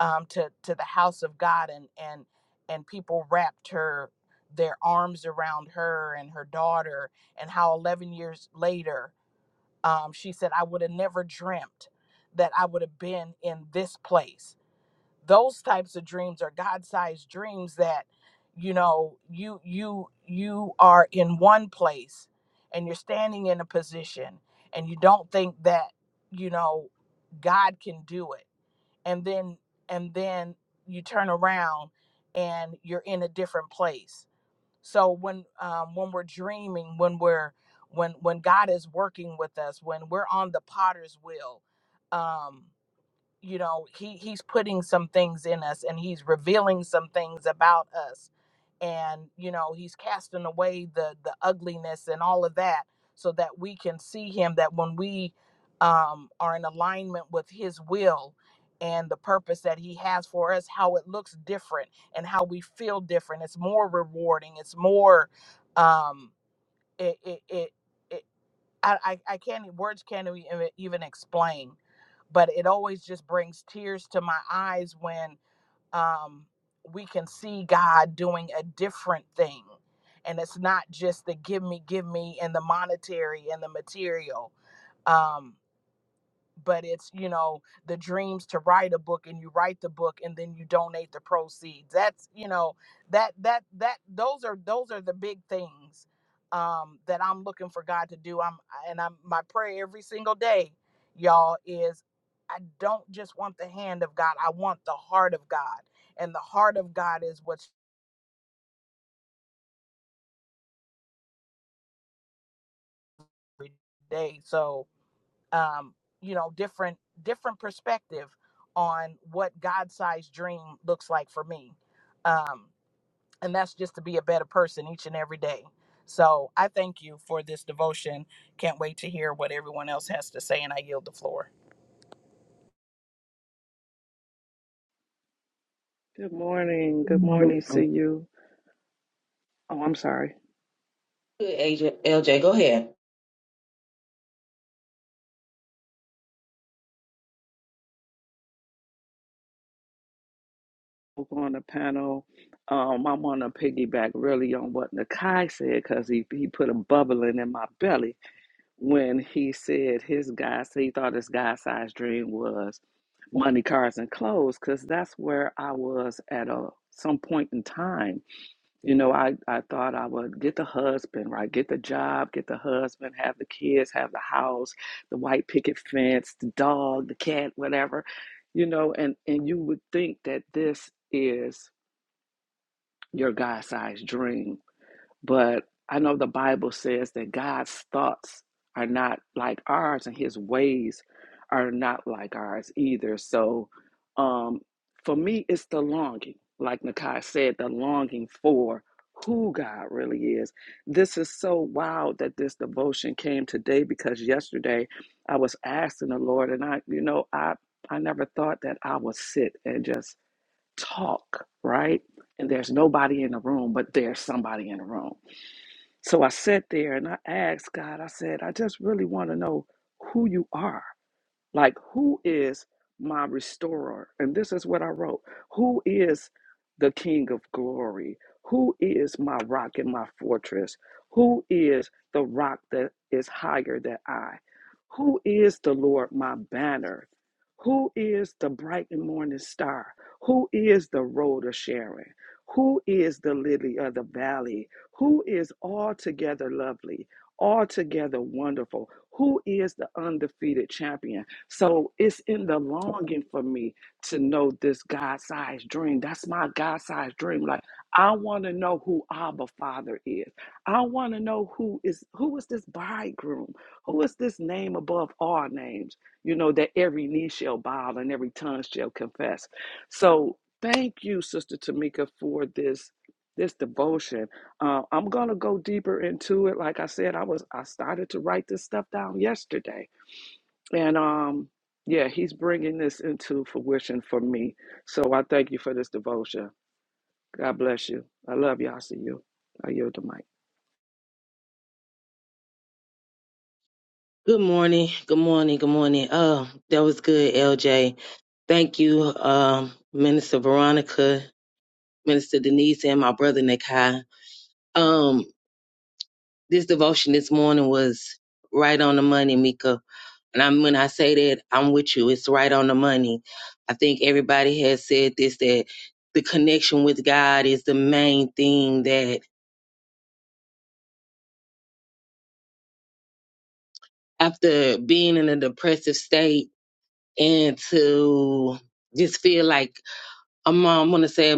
um, to to the house of God, and and and people wrapped her their arms around her and her daughter, and how 11 years later, um, she said, "I would have never dreamt that I would have been in this place." Those types of dreams are God-sized dreams that you know you you you are in one place and you're standing in a position and you don't think that you know God can do it and then and then you turn around and you're in a different place so when um, when we're dreaming when we're when when god is working with us when we're on the potter's wheel um, you know he he's putting some things in us and he's revealing some things about us and you know he's casting away the the ugliness and all of that so that we can see him that when we um are in alignment with his will and the purpose that he has for us how it looks different and how we feel different it's more rewarding it's more um it it, it it- I, I, I can't e- words can't e- even even explain but it always just brings tears to my eyes when um, we can see god doing a different thing and it's not just the give me give me and the monetary and the material Um, but it's you know the dreams to write a book and you write the book and then you donate the proceeds that's you know that that that those are those are the big things um that i'm looking for god to do i'm and i'm my prayer every single day y'all is i don't just want the hand of god i want the heart of god and the heart of god is what's every day so um, you know, different different perspective on what God-sized dream looks like for me. Um, and that's just to be a better person each and every day. So I thank you for this devotion. Can't wait to hear what everyone else has to say, and I yield the floor. Good morning. Good morning. Good, See you. Oh, I'm sorry. LJ, go ahead. we on the panel. Um, I want to piggyback really on what Nakai said because he, he put a bubbling in my belly when he said his guy, he thought his guy size dream was money, cars, and clothes because that's where I was at a, some point in time You know, I, I thought I would get the husband, right? Get the job, get the husband, have the kids, have the house, the white picket fence, the dog, the cat, whatever. You know, and and you would think that this is your God-sized dream but I know the Bible says that God's thoughts are not like ours and his ways are not like ours either. So um, for me, it's the longing, like Nakai said, the longing for who God really is. This is so wild that this devotion came today because yesterday I was asking the Lord and I, you know, I, I never thought that I would sit and just talk, right? And there's nobody in the room, but there's somebody in the room. So I sat there and I asked God, I said, I just really want to know who you are. Like, who is my restorer? And this is what I wrote Who is the King of glory? Who is my rock and my fortress? Who is the rock that is higher than I? Who is the Lord my banner? Who is the bright and morning star? Who is the road of Sharon? Who is the lily of the valley? Who is altogether lovely, altogether wonderful? Who is the undefeated champion? So it's in the longing for me to know this God sized dream. That's my God sized dream. Like I want to know who Abba Father is. I want to know who is who is this bridegroom? Who is this name above all names? You know, that every knee shall bow and every tongue shall confess. So thank you, Sister Tamika, for this this devotion. Uh, I'm gonna go deeper into it. Like I said, I was I started to write this stuff down yesterday and um, yeah, he's bringing this into fruition for me. So I thank you for this devotion. God bless you. I love y'all. See you. I yield the mic. Good morning. Good morning. Good morning. Oh, that was good, LJ. Thank you, um, Minister Veronica, Minister Denise, and my brother Nikai. Um, this devotion this morning was right on the money, Mika. And I, when I say that, I'm with you. It's right on the money. I think everybody has said this that the connection with God is the main thing that after being in a depressive state and to just feel like um, I want to say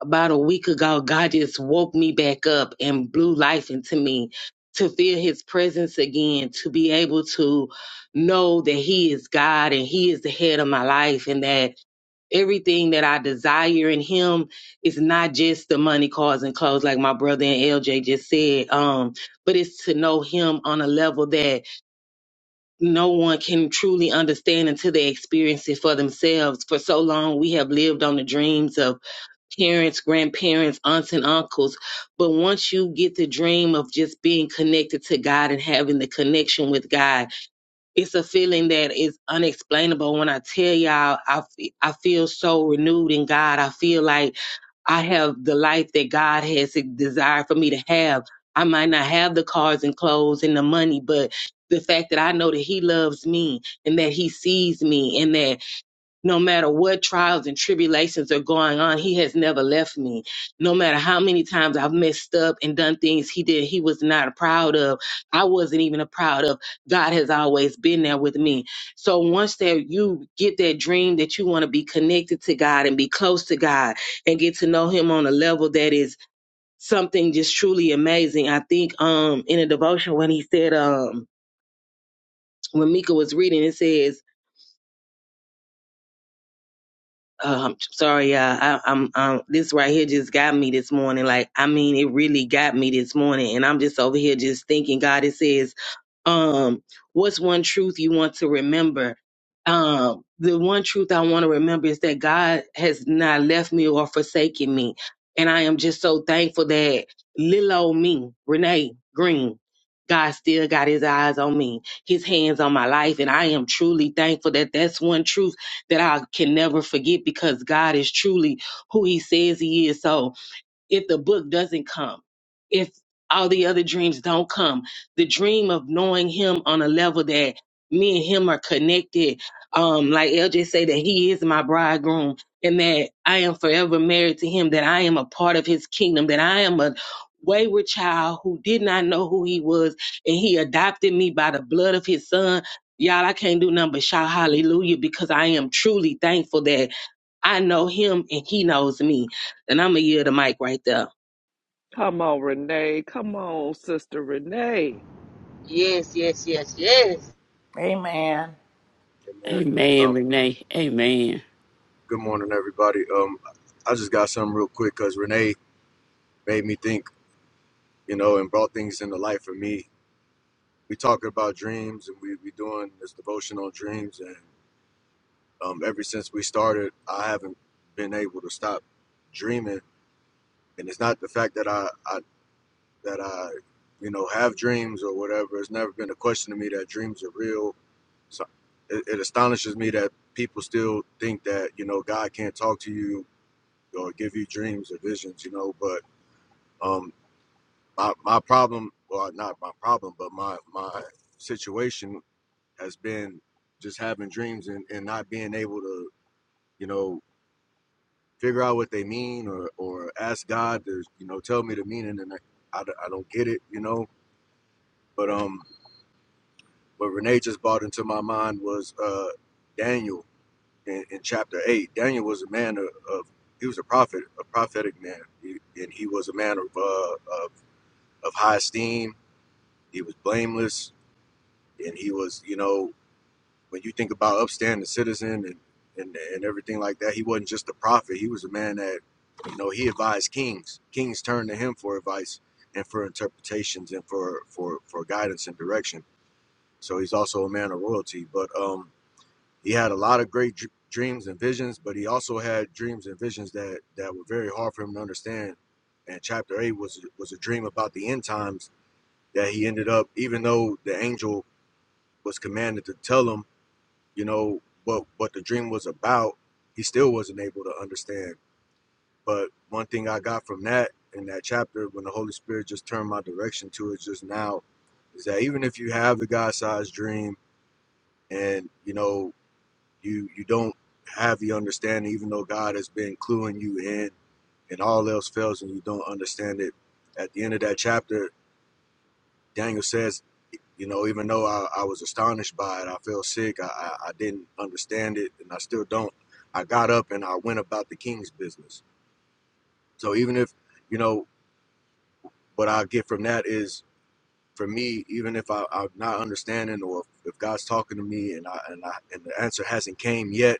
about a week ago, God just woke me back up and blew life into me to feel His presence again, to be able to know that He is God and He is the head of my life, and that everything that I desire in Him is not just the money, cars, and clothes, like my brother and LJ just said, um, but it's to know Him on a level that no one can truly understand until they experience it for themselves. For so long, we have lived on the dreams of parents, grandparents, aunts, and uncles. But once you get the dream of just being connected to God and having the connection with God, it's a feeling that is unexplainable. When I tell y'all, I, f- I feel so renewed in God. I feel like I have the life that God has e, desired for me to have. I might not have the cars and clothes and the money, but the fact that I know that He loves me and that He sees me and that no matter what trials and tribulations are going on, he has never left me. No matter how many times I've messed up and done things he did, he was not proud of. I wasn't even proud of. God has always been there with me. So once that you get that dream that you want to be connected to God and be close to God and get to know him on a level that is something just truly amazing. I think um in a devotion when he said um when Mika was reading it says Oh, I'm sorry, y'all. I, I'm, i this right here just got me this morning. Like, I mean, it really got me this morning, and I'm just over here just thinking. God, it says um, what's one truth you want to remember? Um, the one truth I want to remember is that God has not left me or forsaken me. And I am just so thankful that little old me, Renee Green, God still got his eyes on me, his hands on my life. And I am truly thankful that that's one truth that I can never forget because God is truly who he says he is. So, if the book doesn't come, if all the other dreams don't come, the dream of knowing him on a level that me and him are connected. Um, like LJ say that he is my bridegroom and that I am forever married to him, that I am a part of his kingdom, that I am a wayward child who did not know who he was and he adopted me by the blood of his son. Y'all, I can't do nothing but shout hallelujah because I am truly thankful that I know him and he knows me. And I'm going to yield the mic right there. Come on, Renee. Come on, Sister Renee. Yes, yes, yes, yes. Amen. Amen. Amen, Um, Renee. Amen. good morning, everybody. Um, I just got something real quick because Renee made me think, you know, and brought things into life for me. We talking about dreams, and we we doing this devotion on dreams, and um, ever since we started, I haven't been able to stop dreaming. And it's not the fact that I, I that I, you know, have dreams or whatever. It's never been a question to me that dreams are real. So it, it astonishes me that people still think that you know God can't talk to you or give you dreams or visions, you know. But um, my my problem, well, not my problem, but my my situation has been just having dreams and, and not being able to, you know, figure out what they mean or or ask God to, you know, tell me the meaning, and I, I, don't I don't get it, you know. But um, what Renee just brought into my mind was uh, Daniel in, in chapter eight. Daniel was a man of, of he was a prophet, a prophetic man, He- and he was a man of uh, uh, of high esteem. He was blameless, and he was, you know, when you think about upstanding citizen and and and everything like that, he wasn't just a prophet. He was a man that, you know, he advised kings. Kings turned to him for advice and for interpretations and for for for guidance and direction. So he's also a man of royalty. But um, he had a lot of great dr- dreams and visions, but he also had dreams and visions that that were very hard for him to understand. And chapter eight was was a dream about the end times that he ended up, even though the angel was commanded to tell him, you know, what what the dream was about, he still wasn't able to understand. But one thing I got from that in that chapter, when the Holy Spirit just turned my direction to it just now, is that even if you have the God-sized dream and you know you you don't have the understanding, even though God has been cluing you in, and all else fails and you don't understand it, at the end of that chapter Daniel says, you know, even though I, I was astonished by it, I felt sick, I, I, I didn't understand it, and I still don't. I got up and I went about the king's business. So even if, you know, what I get from that is for me, even if I, I'm not understanding or if, if God's talking to me and I, and I and the answer hasn't came yet,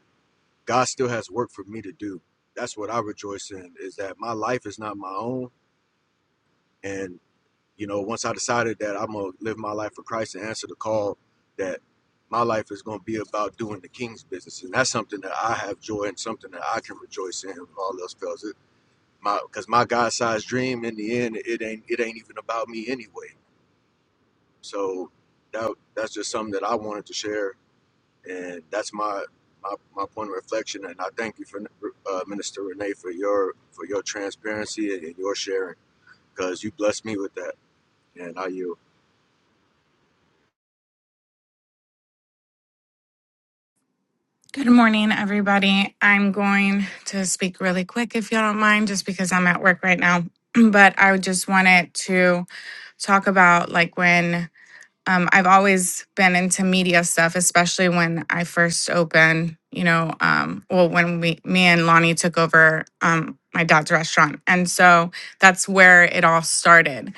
God still has work for me to do. That's what I rejoice in is that my life is not my own and. you know, once I decided that I'm gonna live my life for Christ and answer the call that my life is gonna be about doing the King's business, and that's something that I have joy and something that I can rejoice in. If all else fails, my because my God-sized dream in the end, it ain't it ain't even about me anyway. So that that's just something that I wanted to share, and that's my my, my point of reflection. And I thank you for uh, Minister Renee for your for your transparency and your sharing because you blessed me with that, and I yield. Good morning, everybody. I'm going to speak really quick if you don't mind, just because I'm at work right now. But I just wanted to talk about like when um, I've always been into media stuff, especially when I first opened, you know, um, well, when we, me and Lonnie took over um, my dad's restaurant. And so that's where it all started.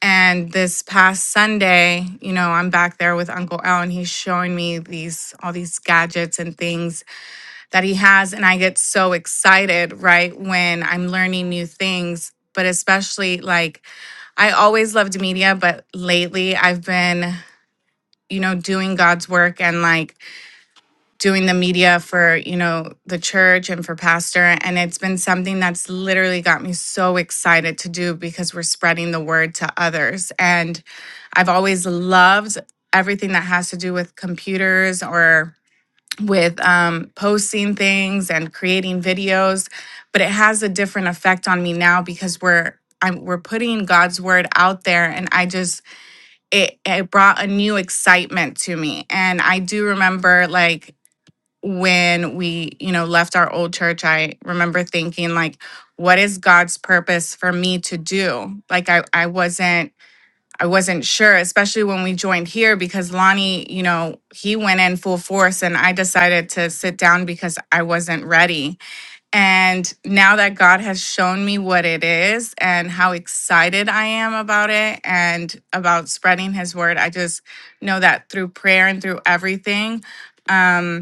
And this past Sunday, you know, I'm back there with Uncle Al, and he's showing me these all these gadgets and things that he has. And I get so excited, right, when I'm learning new things. But especially like I always loved media, but lately I've been, you know, doing God's work and like doing the media for, you know, the church and for pastor. And it's been something that's literally got me so excited to do because we're spreading the word to others. And I've always loved everything that has to do with computers or with um, posting things and creating videos, but it has a different effect on me now because we're I'm, we're putting God's word out there, and I just it it brought a new excitement to me. And I do remember like when we you know left our old church, I remember thinking like, what is God's purpose for me to do? Like I I wasn't I wasn't sure, especially when we joined here because Lonnie, you know, he went in full force and I decided to sit down because I wasn't ready. And now that God has shown me what it is and how excited I am about it and about spreading his word, I just know that through prayer and through everything. um,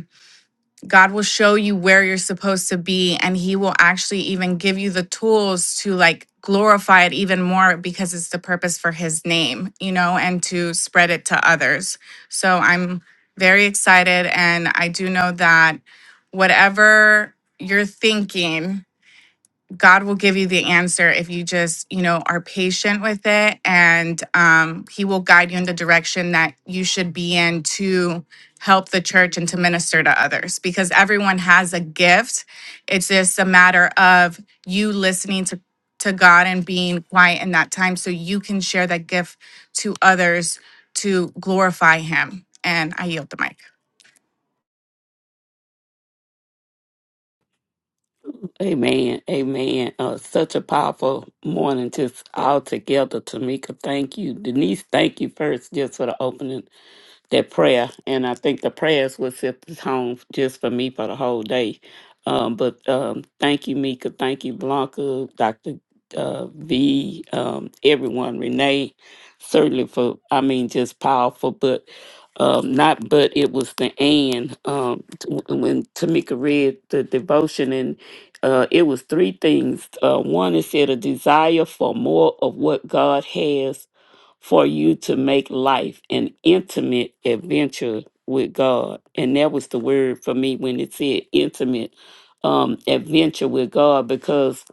God will show you where you're supposed to be and he will actually even give you the tools to like glorify it even more because it's the purpose for his name, you know, and to spread it to others. So I'm very excited and I do know that whatever you're thinking God will give you the answer if you just, you know, are patient with it and um, he will guide you in the direction that you should be in to help the church and to minister to others because everyone has a gift. It's just a matter of you listening to to God and being quiet in that time so you can share that gift to others to glorify him. And I yield the mic. Amen. Amen. Uh, such a powerful morning, just all together. Tamika, thank you. Denise, thank you first, just for the opening that prayer, and I think the prayers would set the tone just for me for the whole day. Um, but um, thank you, Mika. Thank you, Blanca, Doctor uh, V, um, everyone, Renee. Certainly for, I mean, just powerful. But um, not, but it was the and um, t- when Tamika read the devotion, and uh, it was three things. Uh, one, it said a desire for more of what God has for you to make life an intimate adventure with God. And that was the word for me when it said intimate um, adventure with God because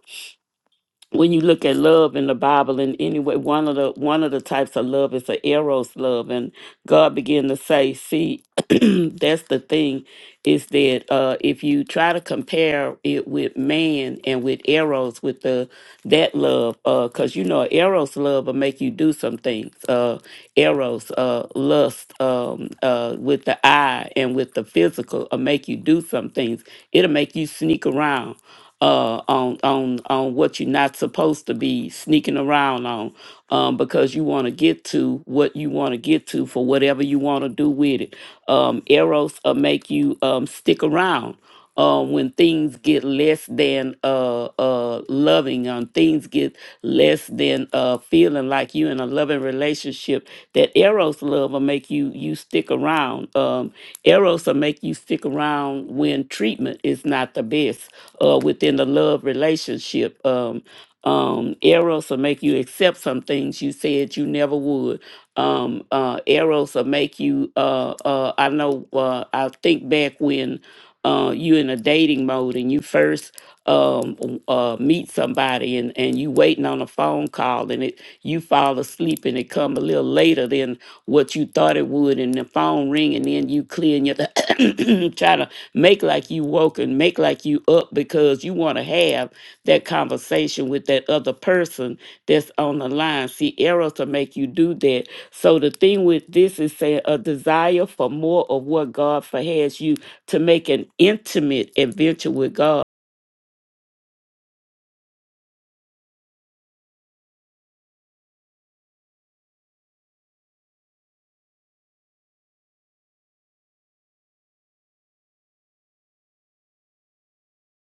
when you look at love in the Bible in any way, one of the one of the types of love is the eros love, and God began to say, "See, that's the thing, is that uh, if you try to compare it with man and with eros, with the that love, because you know eros love will make you do some things. Uh, eros uh, lust um, uh, with the eye and with the physical will make you do some things. It'll make you sneak around." uh, on on on what you're not supposed to be sneaking around on, um, because you want to get to what you want to get to for whatever you want to do with it. Um, arrows uh, make you um, stick around. Uh, when things get less than uh, uh, loving, um, things get less than uh, feeling like you in a loving relationship. That Eros love will make you you stick around. Um, Eros will make you stick around when treatment is not the best uh, within the love relationship. Um, um, Eros will make you accept some things you said you never would. Um, uh, Eros will make you. Uh, uh, I know. Uh, I think back when uh, you in a dating mode and you first um, uh, meet somebody and, and you waiting on a phone call and it you fall asleep and it come a little later than what you thought it would and the phone ring and then you clear and you try to make like you woke and make like you up because you want to have that conversation with that other person that's on the line. See, errors to make you do that. So the thing with this is saying a desire for more of what God for has you to make an intimate adventure with God.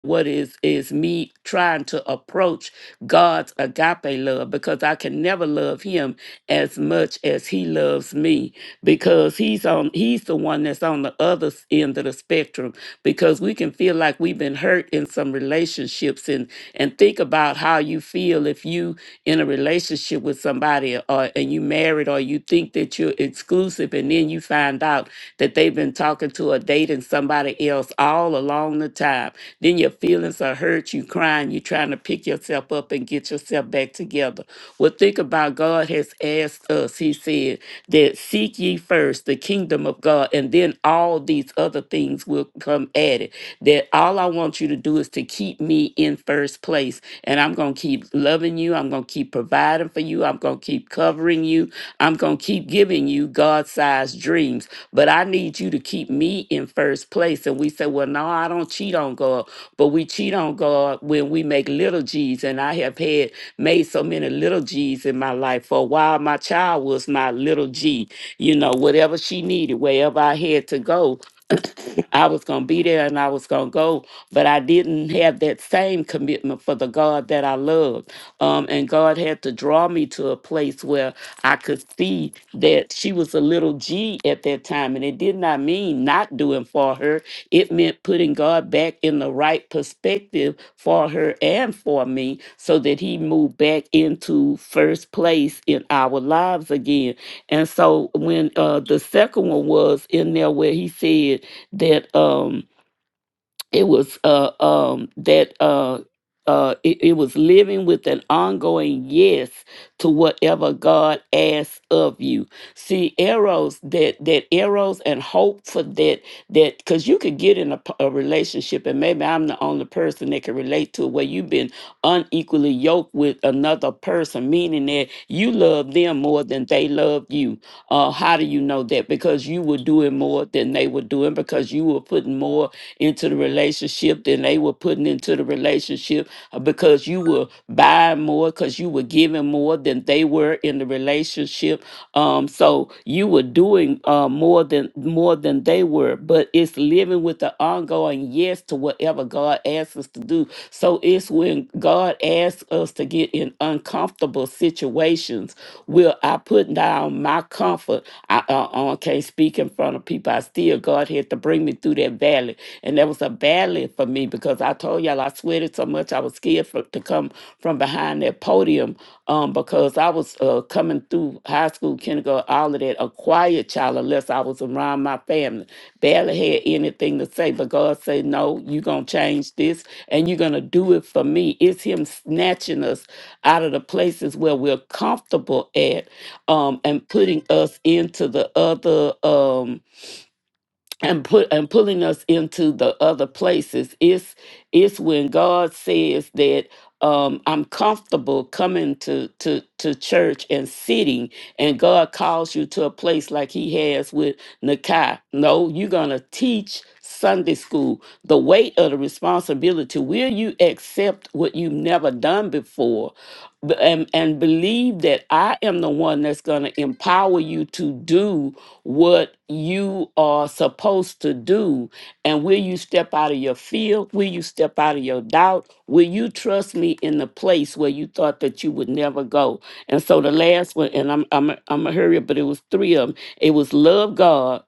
What is is me trying to approach God's agape love because I can never love him as much as he loves me because he's on he's the one that's on the other s- end of the spectrum because we can feel like we've been hurt in some relationships and and think about how you feel if you in a relationship with somebody or and you married or you think that you're exclusive and then you find out that they've been talking to or dating somebody else all along the time. Then your feelings are hurt, you crying, you trying to pick yourself up and get yourself back together. Well, think about God has asked us, He said, that seek ye first the kingdom of God, and then all these other things will come added. That all I want you to do is to keep me in first place, and I'm going to keep loving you loving you. I'm going to keep providing for you. I'm going to keep covering you. I'm going to keep giving you God sized dreams. But I need you to keep me in first place. And we say, Well, no, I don't cheat on God. But we cheat on God when we make little G's. And I have had made so many little G's in my life. For a while, my child was my little G. You know, whatever she needed, wherever I had to go, I was going to be there and I was going to go, but I didn't have that same commitment for the God that I loved. Um, and God had to draw me to a place where I could see that she was a little G at that time. And it did not mean not doing for her, it meant putting God back in the right perspective for her and for me so that He moved back into first place in our lives again. And so when uh, the second one was in there where He said, that um it was uh um that uh uh, it, it was living with an ongoing yes to whatever God asks of you. See arrows that that arrows and hope for that that because you could get in a, p- a relationship and maybe I'm the only person that can relate to it where you've been unequally yoked with another person, meaning that you love them more than they love you uh, how do you know that? Because you were doing more than they were doing, because you were putting more into the relationship than they were putting into the relationship, uh, because you were buying more, because you were giving more than they were in the relationship. Um, so you were doing uh, more than more than they were, but it's living with the ongoing yes yes to whatever God asks us to do. So it's when God asks us to get in uncomfortable situations, will I put down my comfort? I uh, uh, can't speak in front of people. I still, God had to bring me through that valley. And that was a valley for me because I told y'all I sweated so much I was scared for, to come from behind that podium um, because I was uh, coming through high school, kindergarten, all of that, a quiet child unless I was around my family barely had anything to say, but God said, No, you're going to change this and you're going to do it for me. It's Him snatching us out of the places where we're comfortable at um, and putting us into the other. Um, and put and pulling us into the other places it's it's when god says that um i'm comfortable coming to to to church and sitting and god calls you to a place like he has with nakai no you're gonna teach sunday school the weight of the responsibility will you accept what you've never done before B- and, and believe that i am the one that's gonna empower you to do what you are supposed to do. And will you step out of your fear? Will you step out of your doubt? Will you trust me in the place where you thought that you would never go? And so the last one, and I'm I'm I'm a hurry up, but it was three of them. It was love God,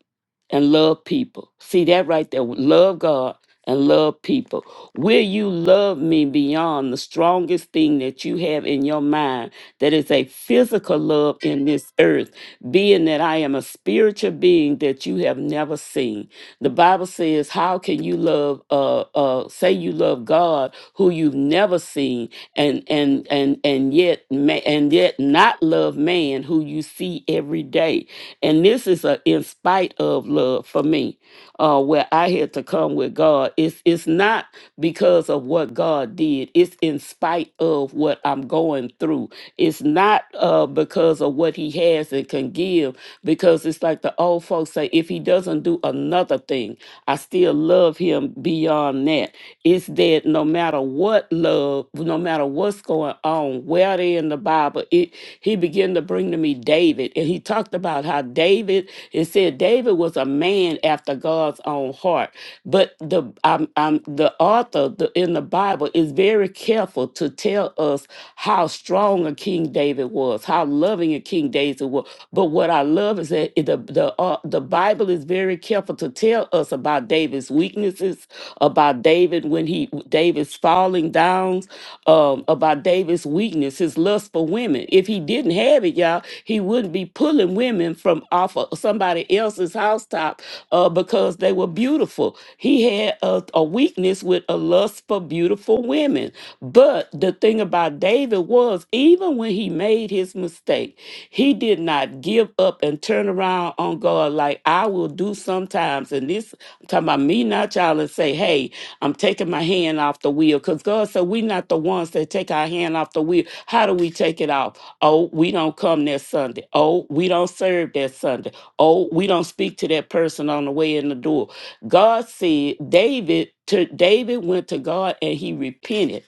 and love people. See that right there. Love God and love people. Will you love me beyond the strongest thing that you have in your mind that is a physical love in this earth, being that I am a spiritual being that you have never seen? The Bible says, How can you love uh uh say you love God who you've never seen and and and and yet ma- and yet not love man who you see every day? And this is a in spite of love for me, uh, where I had to come with God. It's it's not because of what God did. It's in spite of what I'm going through. It's not uh, because of what He has and can give. Because it's like the old folks say, if He doesn't do another thing, I still love Him beyond that. It's that no matter what love, no matter what's going on, where they in the Bible, it he began to bring to me David. And he talked about how David, it said David was a man after God's own heart. But the um, um, the author the, in the Bible is very careful to tell us how strong a King David was, how loving a King David was. But what I love is that it- the the uh, the Bible is very careful to tell us about David's weaknesses, about David 11 when he David's falling down um, about David's weakness, his lust for women. If he didn't have it, y'all, he wouldn't be pulling women from off of somebody else's housetop uh, because they were beautiful. He had a, a weakness with a lust for beautiful women. But the thing about David was, even when he made his mistake, he did not give up and turn around on God like I will do sometimes. And this, I'm talking about me, not y'all, and say, hey, I'm taking my hand off the wheel because God said we're not the ones that take our hand off the wheel. How do we take it off? Oh, we don't come that Sunday. Oh, we don't serve that Sunday. Oh, we don't speak to that person on the way in the door. God said David to David went to God and he repented.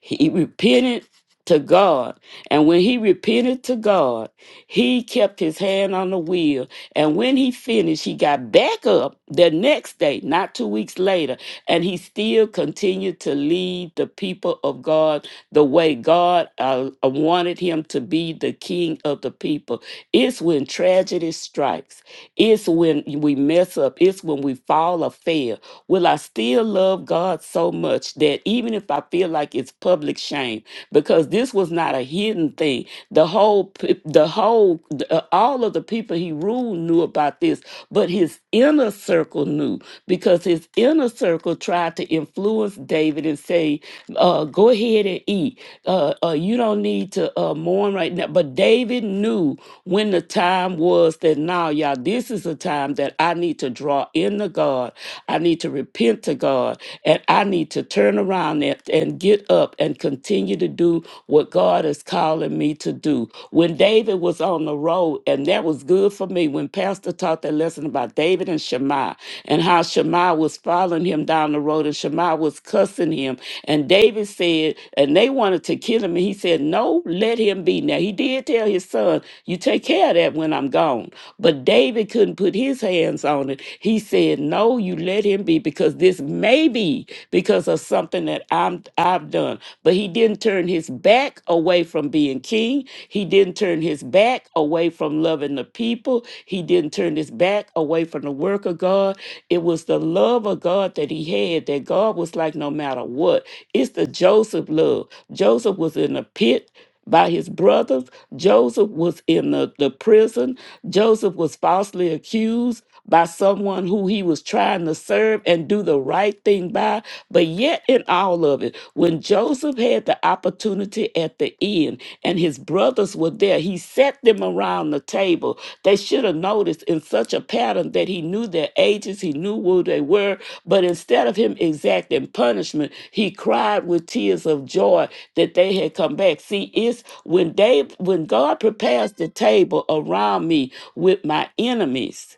He repented to God. And when he repented to God, he kept his hand on the wheel and when he finished, he got back up the next day, not two weeks later, and he still continued to lead the people of God the way God uh, wanted him to be the king of the people. It's when tragedy strikes it's when we mess up, it's when we fall or fail. Will I still love God so much that even if I feel like it's public shame, because this was not a hidden thing. The whole, p- the whole, the- uh, all of the people he ruled knew about this, but his inner circle knew because his inner circle tried to influence David and say, uh, "Go ahead and eat. Uh, uh, you don't need to uh, mourn right now." But David knew when the time time was that now, y'all, this is a time that I need to draw in to God. I need to repent to God. And I need to turn around and, and get up and continue to do what God is calling me to do. When David was on the road, and that was good for me, when Pastor taught that lesson about David and Shema and how Shema was following him down the road and Shema was cussing him. And David said, and they wanted to kill him. And he said, No, let him be. Now, he did tell his son, You take care of that when I'm gone. But David couldn't put his hands on it. He said, No, you let him be because this may be because of something that I'm, I've done. But he didn't turn his back away from being king. He didn't turn his back away from loving the people. He didn't turn his back away from the work of God. It was the love of God that he had that God was like, No matter what, it's the Joseph love. Joseph was in a pit by his brothers. Joseph was in the, the prison. Joseph was falsely accused by someone who he was trying to serve and do the right thing by. But yet, in all of it, when Joseph had the opportunity at the end and his brothers were there, he set them around the table. They should have noticed in such a pattern that he knew their ages, he knew who they were. But instead of him exacting punishment, he cried with tears of joy that they had come back. See, it's when they when God prepares the table around me with my enemies,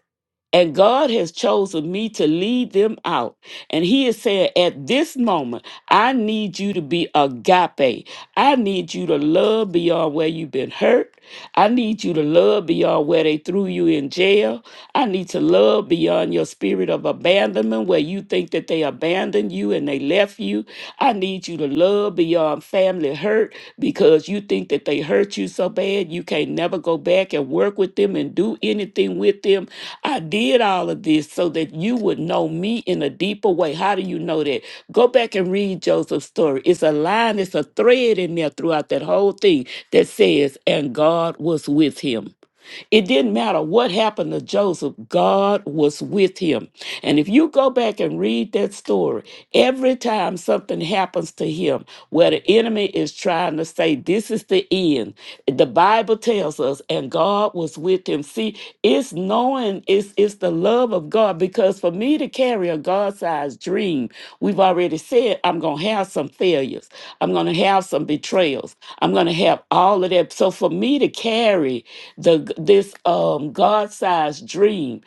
and God has chosen me to lead them out. And He is saying, at this moment, I need you to be agape. I need you to love beyond where you've been hurt. I need you to love beyond where they threw you in jail. I need to love beyond your spirit of abandonment where you think that they abandoned you and they left you. I need you to love beyond family hurt because you think that they hurt you so bad you can't never go back and work with them and do anything with them. I did all of this so that you would know me in a deeper way. How do you know that? Go back and read Joseph's story. It's a line, it's a thread in there throughout that whole thing that says, and God was with him. It didn't matter what happened to Joseph, God was with him. And if you go back and read that story, every time something happens to him where the enemy is trying to say, This is the end, the Bible tells us, and God was with him. See, it's knowing, it's, it's the love of God. Because for me to carry a God sized dream, we've already said, I'm going to have some failures, I'm going to have some betrayals, I'm going to have all of that. So for me to carry, the this um God-sized dream.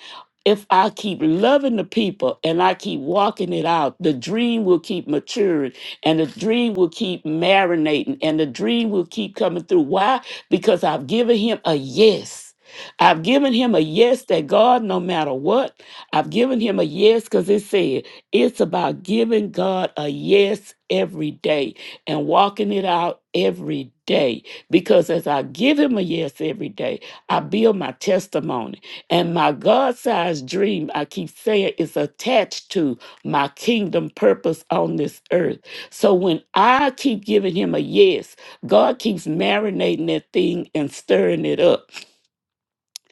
If I keep loving the people and I keep walking it out, the dream will keep maturing and the dream will keep marinating and the dream will keep coming through. Why? Because I've given him a yes. I've given him a yes that God, no matter what, I've given him a yes because it said it's about giving God a yes every day and walking it out every day. Because as I give him a yes every day, I build my testimony. And my God sized dream, I keep saying, is attached to my kingdom purpose on this earth. So when I keep giving him a yes, God keeps marinating that thing and stirring it up.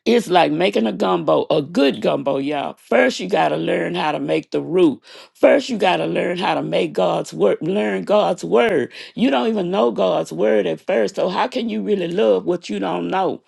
It's like making a gumbo, a good gumbo, y'all. First, you got to learn how to make the root. First, you got to learn how to make God's word, learn God's word. You don't even know God's word at first. So, how can you really love what you don't know?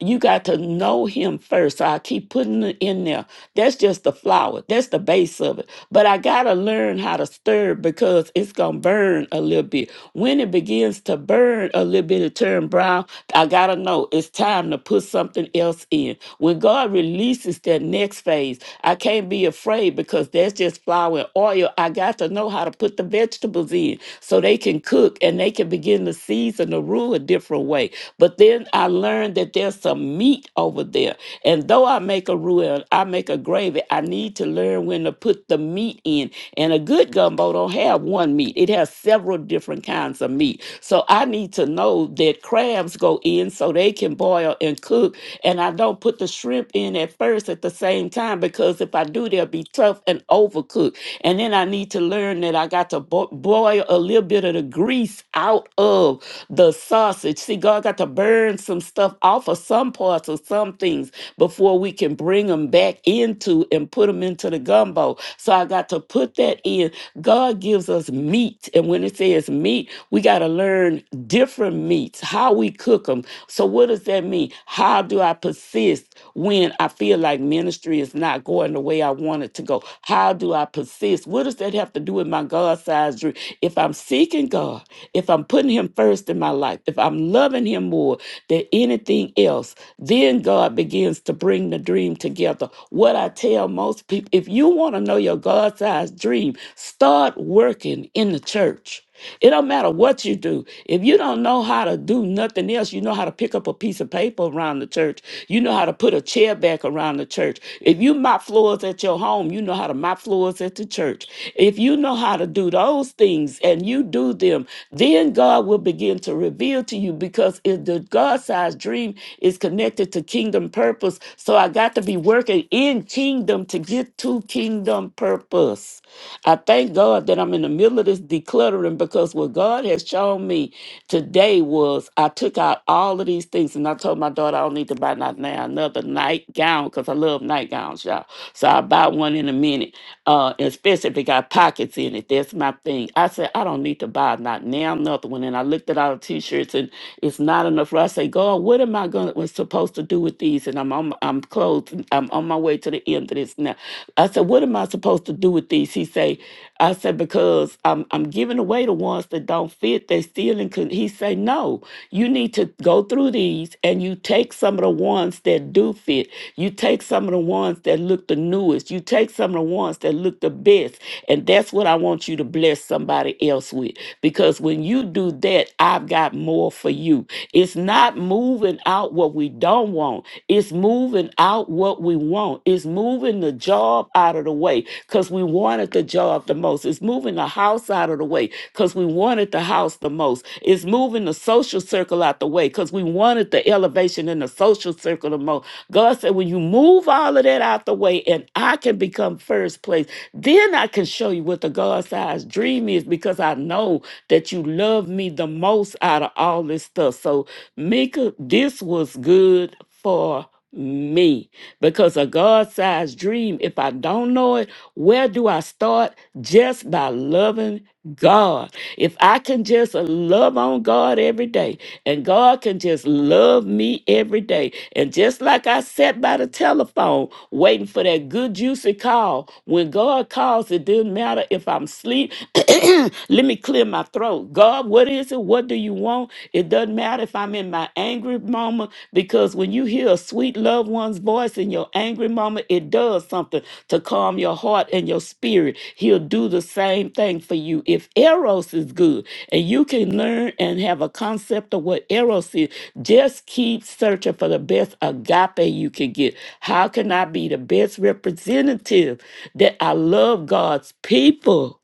You got to know him first. So I keep putting it in there. That's just the flour. That's the base of it. But I gotta learn how to stir it because it's gonna burn a little bit. When it begins to burn a little bit, it turn brown. I gotta know it's time to put something else in. When God releases that next phase, I can't be afraid because that's just flour and oil. I got to know how to put the vegetables in so they can cook and they can begin to season the roux a different way. But then I learned that there's some meat over there. And though I make a roux and I make a gravy, I need to learn when to put the meat in. And a good gumbo don't have one meat. It has several different kinds of meat. So I need to know that crabs go in so they can boil and cook. And I don't put the shrimp in at first at the same time because if I do, they'll be tough and overcooked. And then I need to learn that I got to bo- boil a little bit of the grease out of the sausage. See, God got to burn some stuff off of some parts of some things before we can bring them back into and put them into the gumbo. So I got to put that in. God gives us meat. And when it says meat, we got to learn different meats, how we cook them. So what does that mean? How do I persist when I feel like ministry is not going the way I want it to go? How do I persist? What does that have to do with my God sized dream? If I'm seeking God, if I'm putting Him first in my life, if I'm loving Him more than anything else, then God begins to bring the dream together. What I tell most people if you want to know your God sized dream, start working in the church. It don't matter what you do. If you don't know how to do nothing else, you know how to pick up a piece of paper around the church. You know how to put a chair back around the church. If you mop floors at your home, you know how to mop floors at the church. If you know how to do those things and you do them, then God will begin to to reveal to you because if the God-sized dream is connected to kingdom purpose, so I got to be working in kingdom to get to kingdom purpose. I thank God that I'm in the middle of this decluttering because what God has shown me today was I took out all of these things and I told my daughter I don't need to buy not now another nightgown because I love nightgowns, y'all. So I buy one in a minute, uh, especially if it got pockets in it. That's my thing. I said I don't need to buy not now nothing when one and I looked at all the t-shirts and it's not enough for I say, God, what am I gonna was supposed to do with these? And I'm on I'm close, I'm on my way to the end of this now. I said, What am I supposed to do with these? He say, I said, because I'm I'm giving away the ones that don't fit, they still in con-" he say, No, you need to go through these and you take some of the ones that do fit. You take some of the ones that look the newest. You take some of the ones that look the best. And that's what I want you to bless somebody else with because because when you do that, I've got more for you. It's not moving out what we don't want, it's moving out what we want. It's moving the job out of the way because we wanted the job the most. It's moving the house out of the way because we wanted the house the most. It's moving the social circle out the way because we wanted the elevation in the social circle the most. God said, when you move all of that out the way and I can become first place, then I can show you what the God sized dream is because I I know that you love me the most out of all this stuff. So, Mika, this was good for me because a God sized dream, if I don't know it, where do I start? Just by loving God. If I can just love on God every day and God can just love me every day. And just like I sat by the telephone waiting for that good juicy call, when God calls, it doesn't matter if I'm asleep Let me clear my throat. God, what is it? What do you want? It doesn't matter if I'm in my angry moment because when you hear a sweet loved one's voice in your angry moment, it does something to calm your heart and your spirit. He'll do the same thing for you. If Eros is good and you can learn and have a concept of what Eros is, just keep searching for the best agape you can get. How can I be the best representative that I love God's people?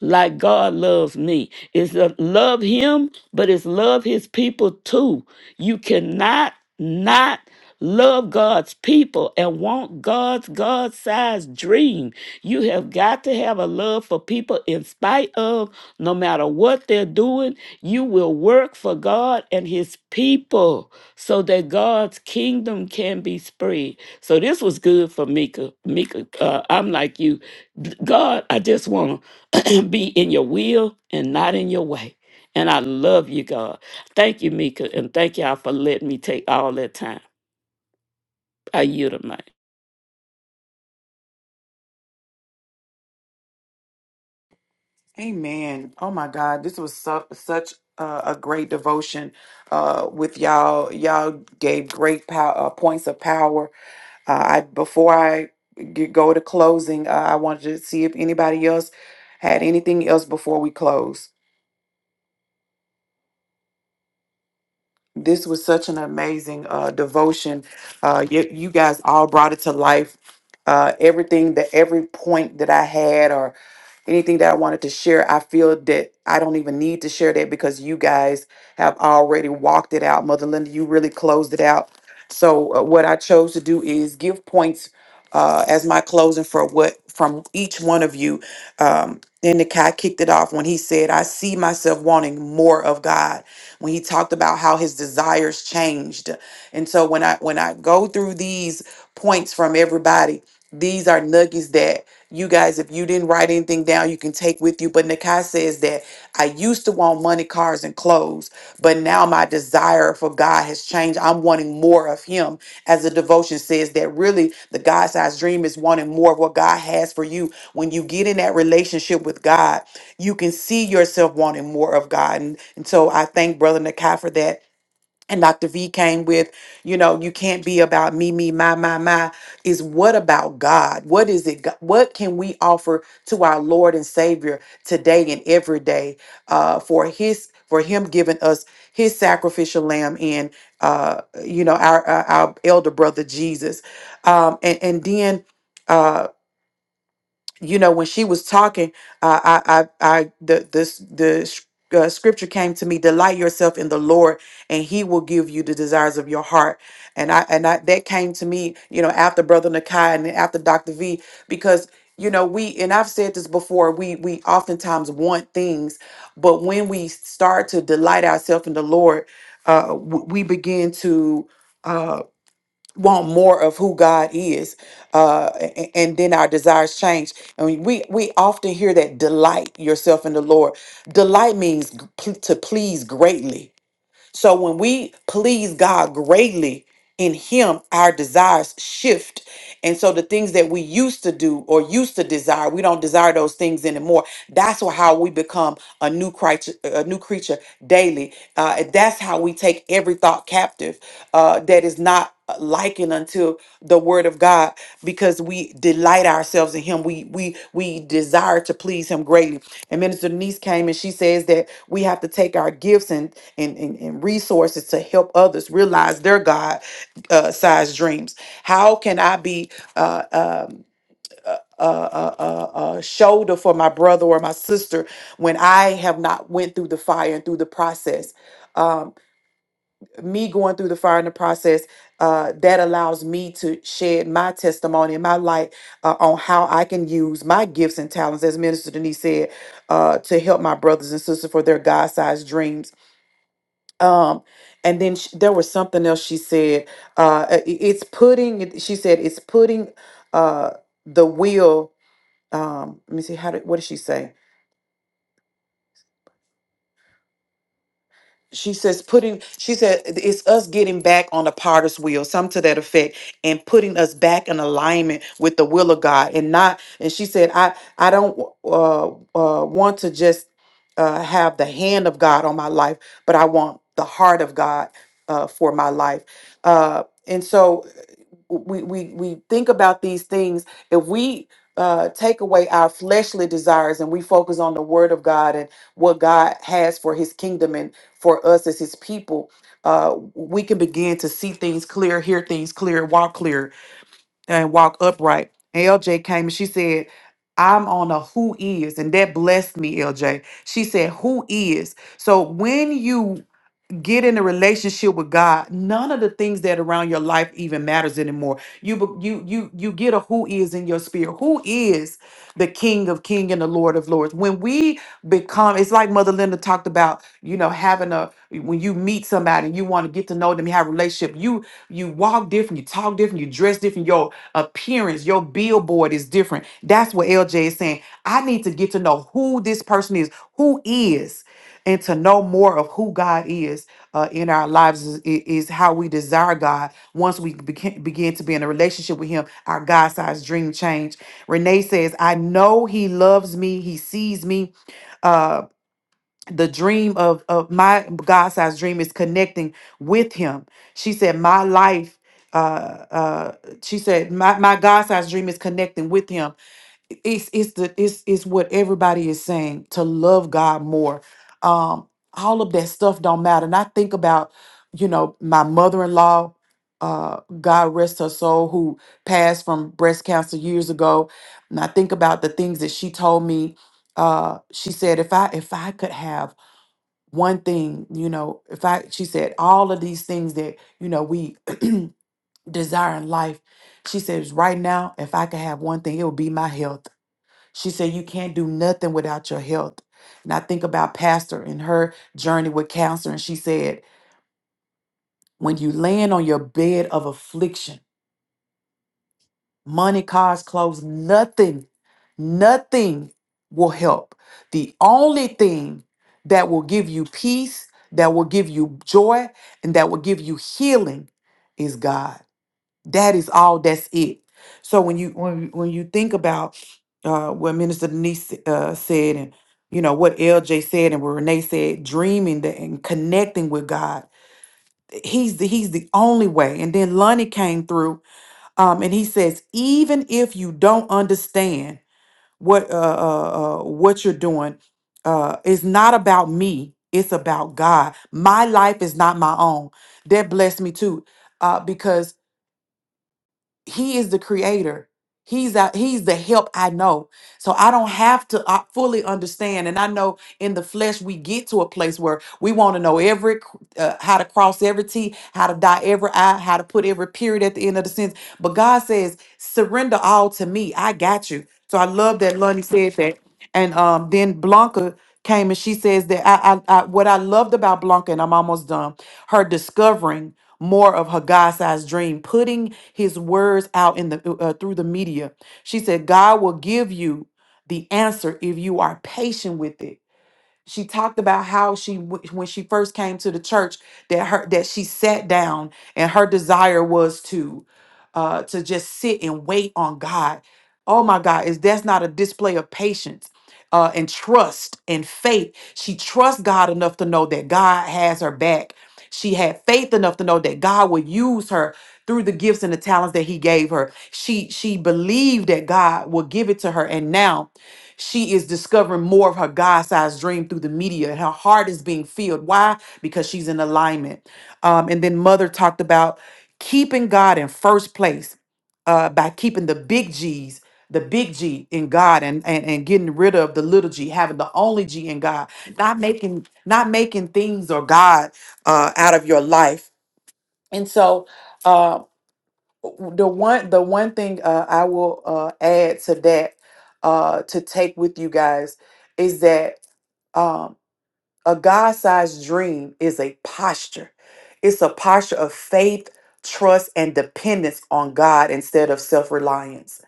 like God loves me. It's a love him, but it's love his people too. You cannot not love God's people and want God's God sized dream. You have got to have a love for people in spite of no matter what they're doing. You will work for God and his people so that God's kingdom can be spread. So this was good for Mika. Mika, uh, I'm like you. D- God, I just want to and be in your will and not in your way. And I love you, God. Thank you, Mika, and thank y'all for letting me take all that time. I yield to mic. Amen. Oh my God, this was su- such uh, a great devotion uh, with y'all. Y'all gave great pow- uh, points of power. Uh, I before I g- go to closing, uh, I wanted to see if anybody else had anything else before we close. this was such an amazing uh, devotion. Uh, you, you guys all brought it to life. Uh, everything that every point that I had, anything that I wanted to share, I feel that I don't even need to share that because you guys have already walked it out. Mother Linda, you really closed it out. So uh, what I chose to do is give points uh, as my closing for what from each one of you. Um, and the guy kicked it off when he said, "I see myself wanting more of God." When he talked about how his desires changed, and so when I when I go through these points from everybody, these are nuggets that you guys, if you didn't write anything down, you can take with you. But Nakai says that I used to want money, cars, and clothes, but now my desire for God has changed. I'm wanting more of Him. As the devotion says, that really the God sized dream is wanting more of what God has for you. When you get in that relationship with God, you can see yourself wanting more of God. And, and so I thank Brother Nakai for that and Dr. V came with, you know, you can't be about me, me, my, my, my. Is what about God? What is it? go- What can we offer to our Lord and Savior today and every day uh, for His, for Him giving us His sacrificial lamb and, uh, you know, our, our our elder brother Jesus, um, and and then. uh, you know when she was talking uh, i i i the this the s- uh, scripture came to me delight yourself in the lord and he will give you the desires of your heart and i and i that came to me you know after brother nakai and then after dr v because you know we and i've said this before we we oftentimes want things but when we start to delight ourselves in the lord uh w- we begin to uh, want more of who God is, uh, a- a- and then our desires change. And we we often hear that delight yourself in the Lord. Delight means g- pl- to please greatly so when we please God greatly in Him, our desires shift. And so the things that we used to do or used to desire, we don't desire those things anymore. That's wh- how we become a new creature, a new creature daily. Uh, that's how we take every thought captive uh, that is not uh, likened unto the Word of God because we delight ourselves in him we we we desire to please him greatly and minister denise came and she says that we have to take our gifts and and, and, and resources to help others realize their god uh, sized dreams how can i be uh, um, uh, a, a, a, a shoulder for my brother or my sister when i have not went through the fire and through the process Um, me going through the fire in the process uh, that allows me to shed my testimony and my light uh, on how i can use my gifts and talents as minister denise said uh, to help my brothers and sisters for their god-sized dreams um, and then sh there was something else she said uh, i- i- it's putting it- she said it's putting uh, the will um, let me see how did, what did she say she says putting she said it's us getting back on the potter's wheel some to that effect and putting us back in alignment with the will of god and not and she said i i don't uh, uh want to just uh have the hand of god on my life but i want the heart of god uh for my life uh and so uh, we we we think about these things if we uh, take away our fleshly desires and we focus on the word of God and what God has for his kingdom for us as his people uh we can begin to see things clear hear things clear walk clear and walk upright and lj came and she said i'm on a who is and that blessed me lj she said who is so when you get in a relationship with God, none of the things that around your life even matters anymore. You be- you you you get a who is in your spirit. Who is the King of King and the Lord of Lords? When we become, it's like Mother Linda talked about, you know, having a when you meet somebody and you want to get to know them, you have a relationship. You you walk different, you talk different, you dress different. Your appearance, your billboard is different. That's what LJ is saying I need to get to know who this person is, who is, and to know more of who God is uh, in our lives is, i- is how we desire God. Once we beca- begin to be in a relationship with Him, our God sized dream change. Renee says, I know He loves me, He sees me. Uh, the dream of, of my God sized dream is connecting with Him. She said, My life. Uh, uh, she said, my, my God sized dream is connecting with him it's it's the it's it's what everybody is saying to love God more. Um, all of that stuff don't matter. And I think about, you know, my mother-in-law, uh, God rest her soul, who passed from breast cancer years ago. And I think about the things that she told me. Uh, she said, if I if I could have one thing, you know, if I she said all of these things that, you know, we desire in life. She says, right now, if I could have one thing, it would be my health she said, You can't do nothing without your health. And I think about Pastor and her journey with cancer. And she said, When you land on your bed of affliction, money, cars, clothes, nothing, nothing will help. The only thing that will give you peace, that will give you joy, and that will give you healing is God. That is all. That's it. So when you when you- when you think about uh, what Minister Denise uh, said, and you know what LJ said, and what Renee said, dreaming that, and connecting with God, he's the, he's the only way. And then Lonnie came through, um, and he says, even if you don't understand what uh, uh, uh, what you're doing, uh, it's not about me. It's about God. My life is not my own. That blessed me too, uh, because he is the creator he's out he's the help i know so i don't have to uh, fully understand and i know in the flesh we get to a place where we want to know every c- uh, how to cross every t how to dot every i how to put every period at the end of the sentence but god says surrender all to me i got you so i love that lonnie said that and um, then blanca came and she says that I, I, I what I loved about Blanca, and I'm almost done, her discovering more of her God-sized dream, putting his words out in the uh, uh, through the media. She said, God will give you the answer if you are patient with it. She talked about how she w- when she first came to the church that her that she sat down and her desire was to uh to just sit and wait on God. Oh my God, is that's not a display of patience? uh, and trust and faith. She trusts God enough to know that God has her back. She had faith enough to know that God would use her through the gifts and the talents that He gave her. She she believed that God would give it to her, and now she is discovering more of her God-sized dream through the media, and her heart is being filled. Why? Because she's in alignment. Um, and then Mother talked about keeping God in first place uh, by keeping the big G's the big G in God and, and and getting rid of the little G, having the only G in God, not making not making things or God uh, out of your life. And so uh, w- the one the one thing uh, I will uh, add to that uh, to take with you guys is that um, a God-sized dream is a posture. It's a posture of faith, trust, and dependence on God instead of self-reliance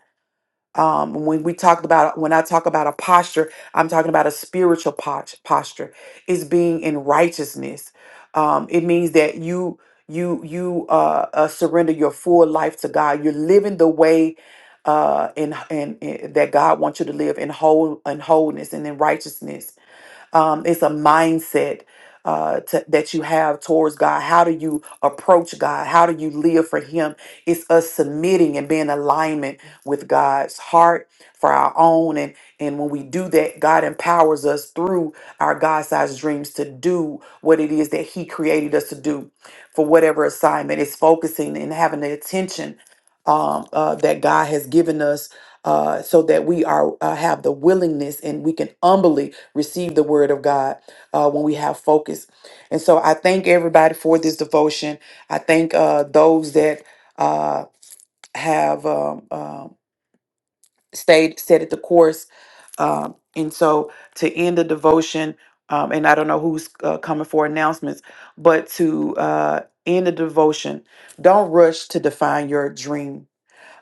um, when we talked about when i talk about a posture i'm talking about a spiritual posh- posture is being in righteousness um, it means that you you you uh, uh, surrender your full life to god you're living the way uh, in, in, in- that god wants you to live in whole in wholeness and in righteousness um, it's a mindset uh, to, that you have towards God. How do you approach God? How do you live for Him? It's us submitting and being in alignment with God's heart for our own. And, and when we do that, God empowers us through our God sized dreams to do what it is that He created us to do for whatever assignment. It's focusing and having the attention um, uh, that God has given us uh, so that we are uh, have the willingness and we can humbly receive the word of God uh, when we have focus. And so I thank everybody for this devotion. I thank uh, those that uh, have um, um, stayed, set at the course. Um, and so to end the devotion, um, and I don't know who's uh, coming for announcements, but to uh, end the devotion, don't rush to define your dream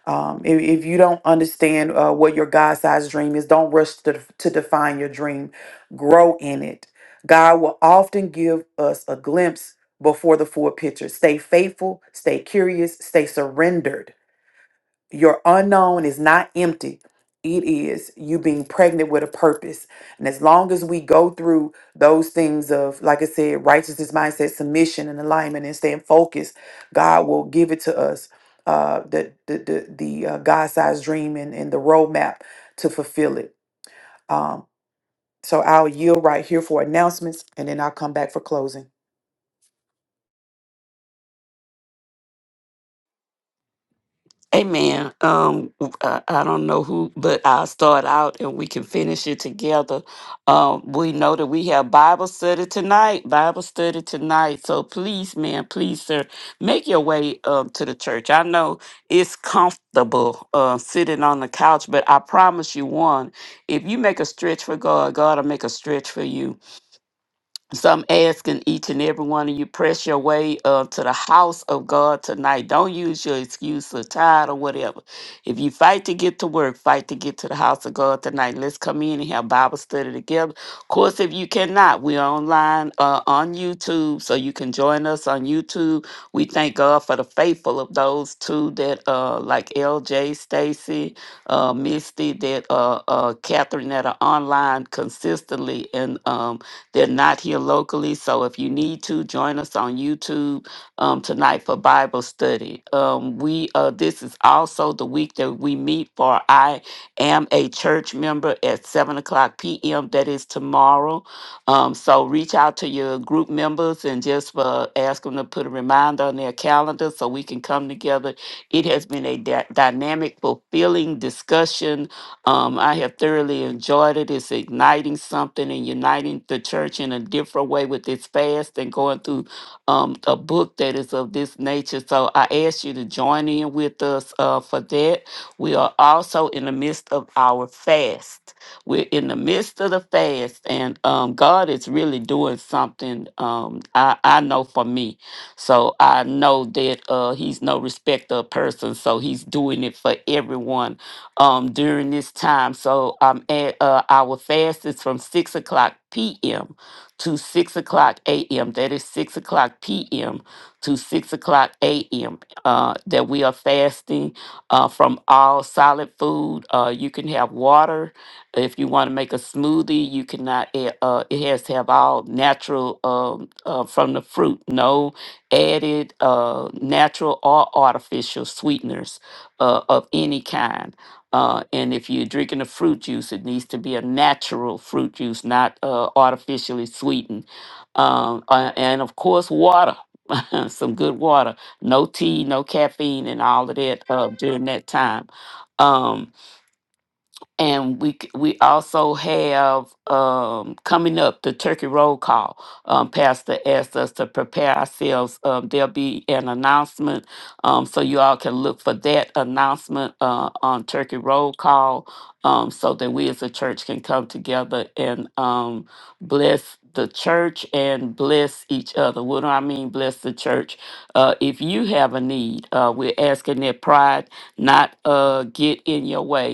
um, if, if you don't understand uh, what your God sized dream is, don't rush to, to define your dream. Grow in it. God will often give us a glimpse before the full picture. Stay faithful, stay curious, stay surrendered your unknown is not empty. It is you being pregnant with a purpose. And as long as we go through those things of, like I said, righteousness, mindset, submission, and alignment, and staying focused, God will give it to us uh, the the the, the uh, God sized dream and, and the roadmap to fulfill it. Um, so I'll yield right here for announcements, and then I'll come back for closing. Amen. um, I, I don't know who, but I'll start out and we can finish it together. Um, we know that we have Bible study tonight, Bible study tonight. So please, man, please, sir, make your way um, to the church. I know it's comfortable uh, sitting on the couch, but I promise you one, if you make a stretch for God, God will make a stretch for you. So I'm asking each and every one of you, press your way uh, to the house of God tonight. Don't use your excuse or tired or whatever. If you fight to get to work, fight to get to the house of God tonight. Let's come in and have Bible study together. Of course, if you cannot, we're online uh, on YouTube, so you can join us on YouTube. We thank God for the faithful of those two that, uh, like LJ, Stacy, uh, Misty, that uh, uh, Catherine, that are online consistently and. Um, they're not here locally, so if you need to join us on YouTube um, tonight for Bible study. Um, we uh, this is also the week that we meet for I am a church member at seven o'clock p.m. That is tomorrow. Um, so reach out to your group members and just uh, ask them to put a reminder on their calendar so we can come together. It has been a dy- dynamic, fulfilling discussion um, I have thoroughly enjoyed it. It's igniting something and uniting the church in a different way with this fast and going through um, a book that is of this nature. So I ask you to join in with us uh, for that. We are also in the midst of our fast. We're in the midst of the fast, and um, God is really doing something. Um, I, I know for me. So I know that uh, He's no respecter of persons. So He's doing it for everyone um, during this time. So um, and, uh, our fast is from 6 o'clock p.m. to 6 o'clock a.m. That is 6 o'clock p.m. to 6 o'clock a.m. Uh, that we are fasting uh, from all solid food. Uh, you can have water. If you want to make a smoothie, you cannot, it, uh, it has to have all natural um, uh, from the fruit, no added uh, natural or artificial sweeteners uh, of any kind uh, and if you're drinking a fruit juice, it needs to be a natural fruit juice, not uh, artificially sweetened. Um, uh, and of course, water, some good water, no tea, no caffeine, and all of that uh, during that time. Um, and we c- we also have um, coming up the turkey roll call. Um, Pastor asked us to prepare ourselves. Um, there'll be an announcement, um, so you all can look for that announcement uh, on turkey roll call, um, so that we as a church can come together and um, bless the church and bless each other. What do I mean, bless the church? Uh, if you have a need, uh, we're asking that pride not uh, get in your way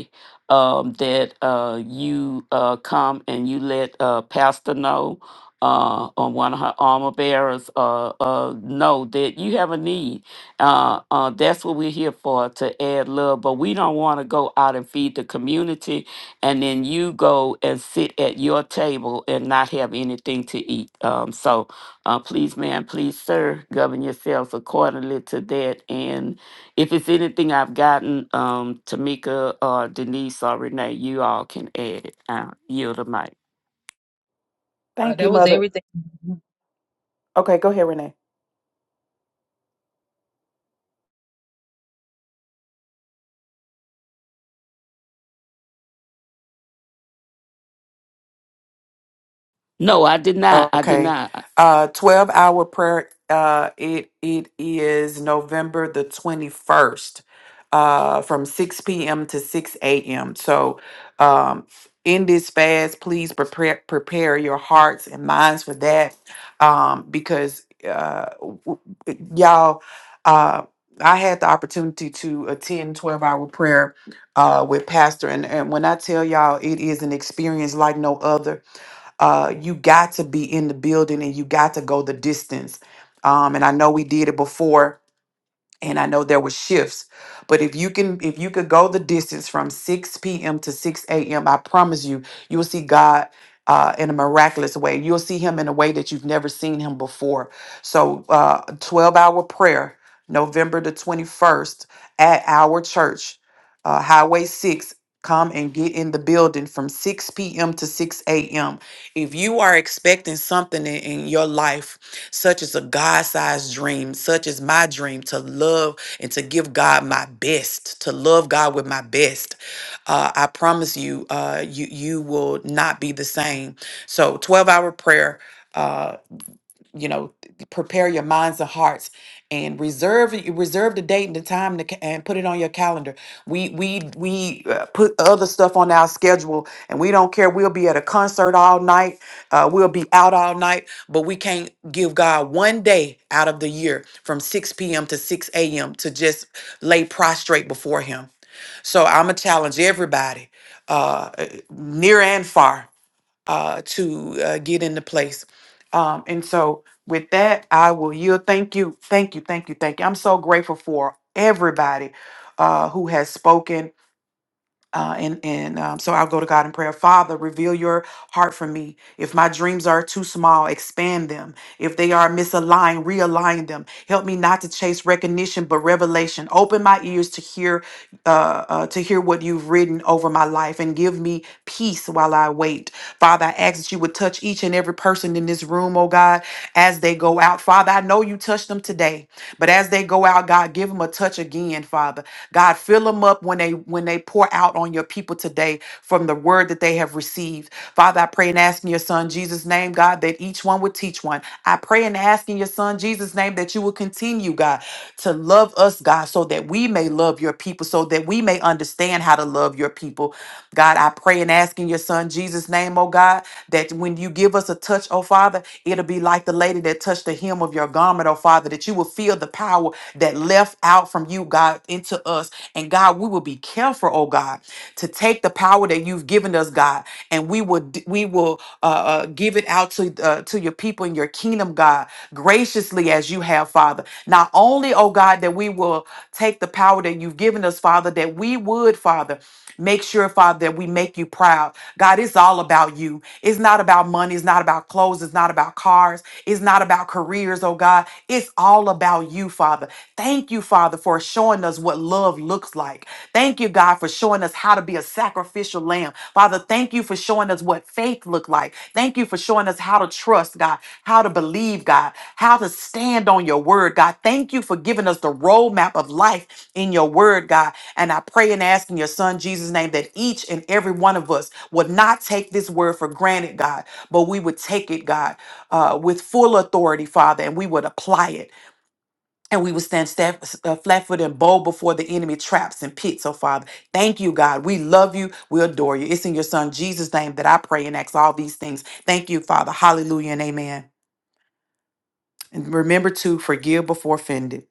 um, that uh, you uh, come and you let uh, Pastor know uh, or one of her armor bearers uh, uh, know that you have a need. Uh, uh, that's what we're here for to add love, but we don't want to go out and feed the community and then you go and sit at your table and not have anything to eat. Um, so uh, please, ma'am, please, sir, govern yourselves accordingly to that. And if it's anything I've gotten, um, Tamika or Denise or Renee, you all can add it. Uh, yield the mic. Uh, Thank you, that was Mother. everything. Okay, go ahead, Renee. No, I did not. I did Okay. not. Uh 12 hour prayer uh it it is November the 21st uh from 6 p.m. to 6 a.m. So um in this fast please prepare prepare your hearts and minds for that um because uh w- w- y'all uh I had the opportunity to attend 12 hour prayer uh with pastor and and when I tell y'all it is an experience like no other uh, you got to be in the building and you got to go the distance. Um, and I know we did it before and I know there were shifts, but if you can, if you could go the distance from 6 p.m. to 6 a.m., I promise you, you will see God uh, in a miraculous way. You'll see Him in a way that you've never seen Him before. So, uh, 12 hour prayer, November the 21st at our church, uh, Highway 6. Come and get in the building from 6 p.m. to 6 a.m. If you are expecting something in in your life, such is a God sized dream. Such is my dream to love and to give God my best, to love God with my best. Uh, I promise you, uh, you, you will not be the same. So, 12 hour prayer. uh, you know th- prepare your minds and hearts and reserve y- reserve the date and the time to, ca- and put it on your calendar we we we uh, put other stuff on our schedule and we don't care we'll be at a concert all night uh, we'll be out all night but we can't give god one day out of the year from 6 p.m to 6 a.m to just lay prostrate before him so i'm gonna challenge everybody uh, uh, near and far uh, to uh, get into place. Um, and so, with that, I will yield. Thank you, thank you, thank you, thank you. I'm so grateful for everybody uh, who has spoken uh, and and um, so I'll go to God in prayer. Father, reveal your heart for me. If my dreams are too small, expand them. If they are misaligned, realign them. Help me not to chase recognition, but revelation. Open my ears to hear, uh, uh, to hear what you've written over my life, and give me peace while I wait. Father, I ask that you would touch each and every person in this room, oh God as they go out. Father, I know you touched them today, but as they go out, God, give them a touch again, Father. God, fill them up when they when they pour out on your people today from the word that they have received. Father, I pray and ask in your son Jesus' name, God, that each one would teach one. I pray and ask in your son Jesus' name that you will continue, God, to love us, God, so that we may love your people, so that we may understand how to love your people. God, I pray and ask in your son Jesus' name, oh God, that when you give us a touch, oh Father. Father, it'll be like the lady that touched the hem of your garment, oh Father, that you will feel the power that left out from you, God, into us. And God, we will be careful, oh God, to take the power that you've given us, God, and we will d- we will uh, uh, give it out to uh, to your people in your kingdom, God, graciously as you have, Father. Not only, oh God, that we will take the power that you've given us, Father, that we would, Father. Make sure, Father, that we make you proud. God, it's all about you. It's not about money. It's not about clothes. It's not about cars. It's not about careers, oh God. It's all about you, Father. Thank you, Father, for showing us what love looks like. Thank you, God, for showing us how to be a sacrificial lamb. Father, Thank thank you for showing us what faith looked like. Thank you for showing us how to trust God, how to believe God, how to stand on your word, God. Thank you for giving us the roadmap of life in your word, God. And I pray and ask in your son Jesus' name that each and every one of us would not take this word for granted, God, but we would take it, God, uh, with full authority, Father, and we would apply it. And we would stand staff, uh, flat-footed and bold before the enemy traps and pits, oh Father. Thank you, God. We love you. We adore you. It's in your son Jesus' name that I pray and ask all these things. Thank you, Father. Hallelujah and amen. And remember to forgive before offended.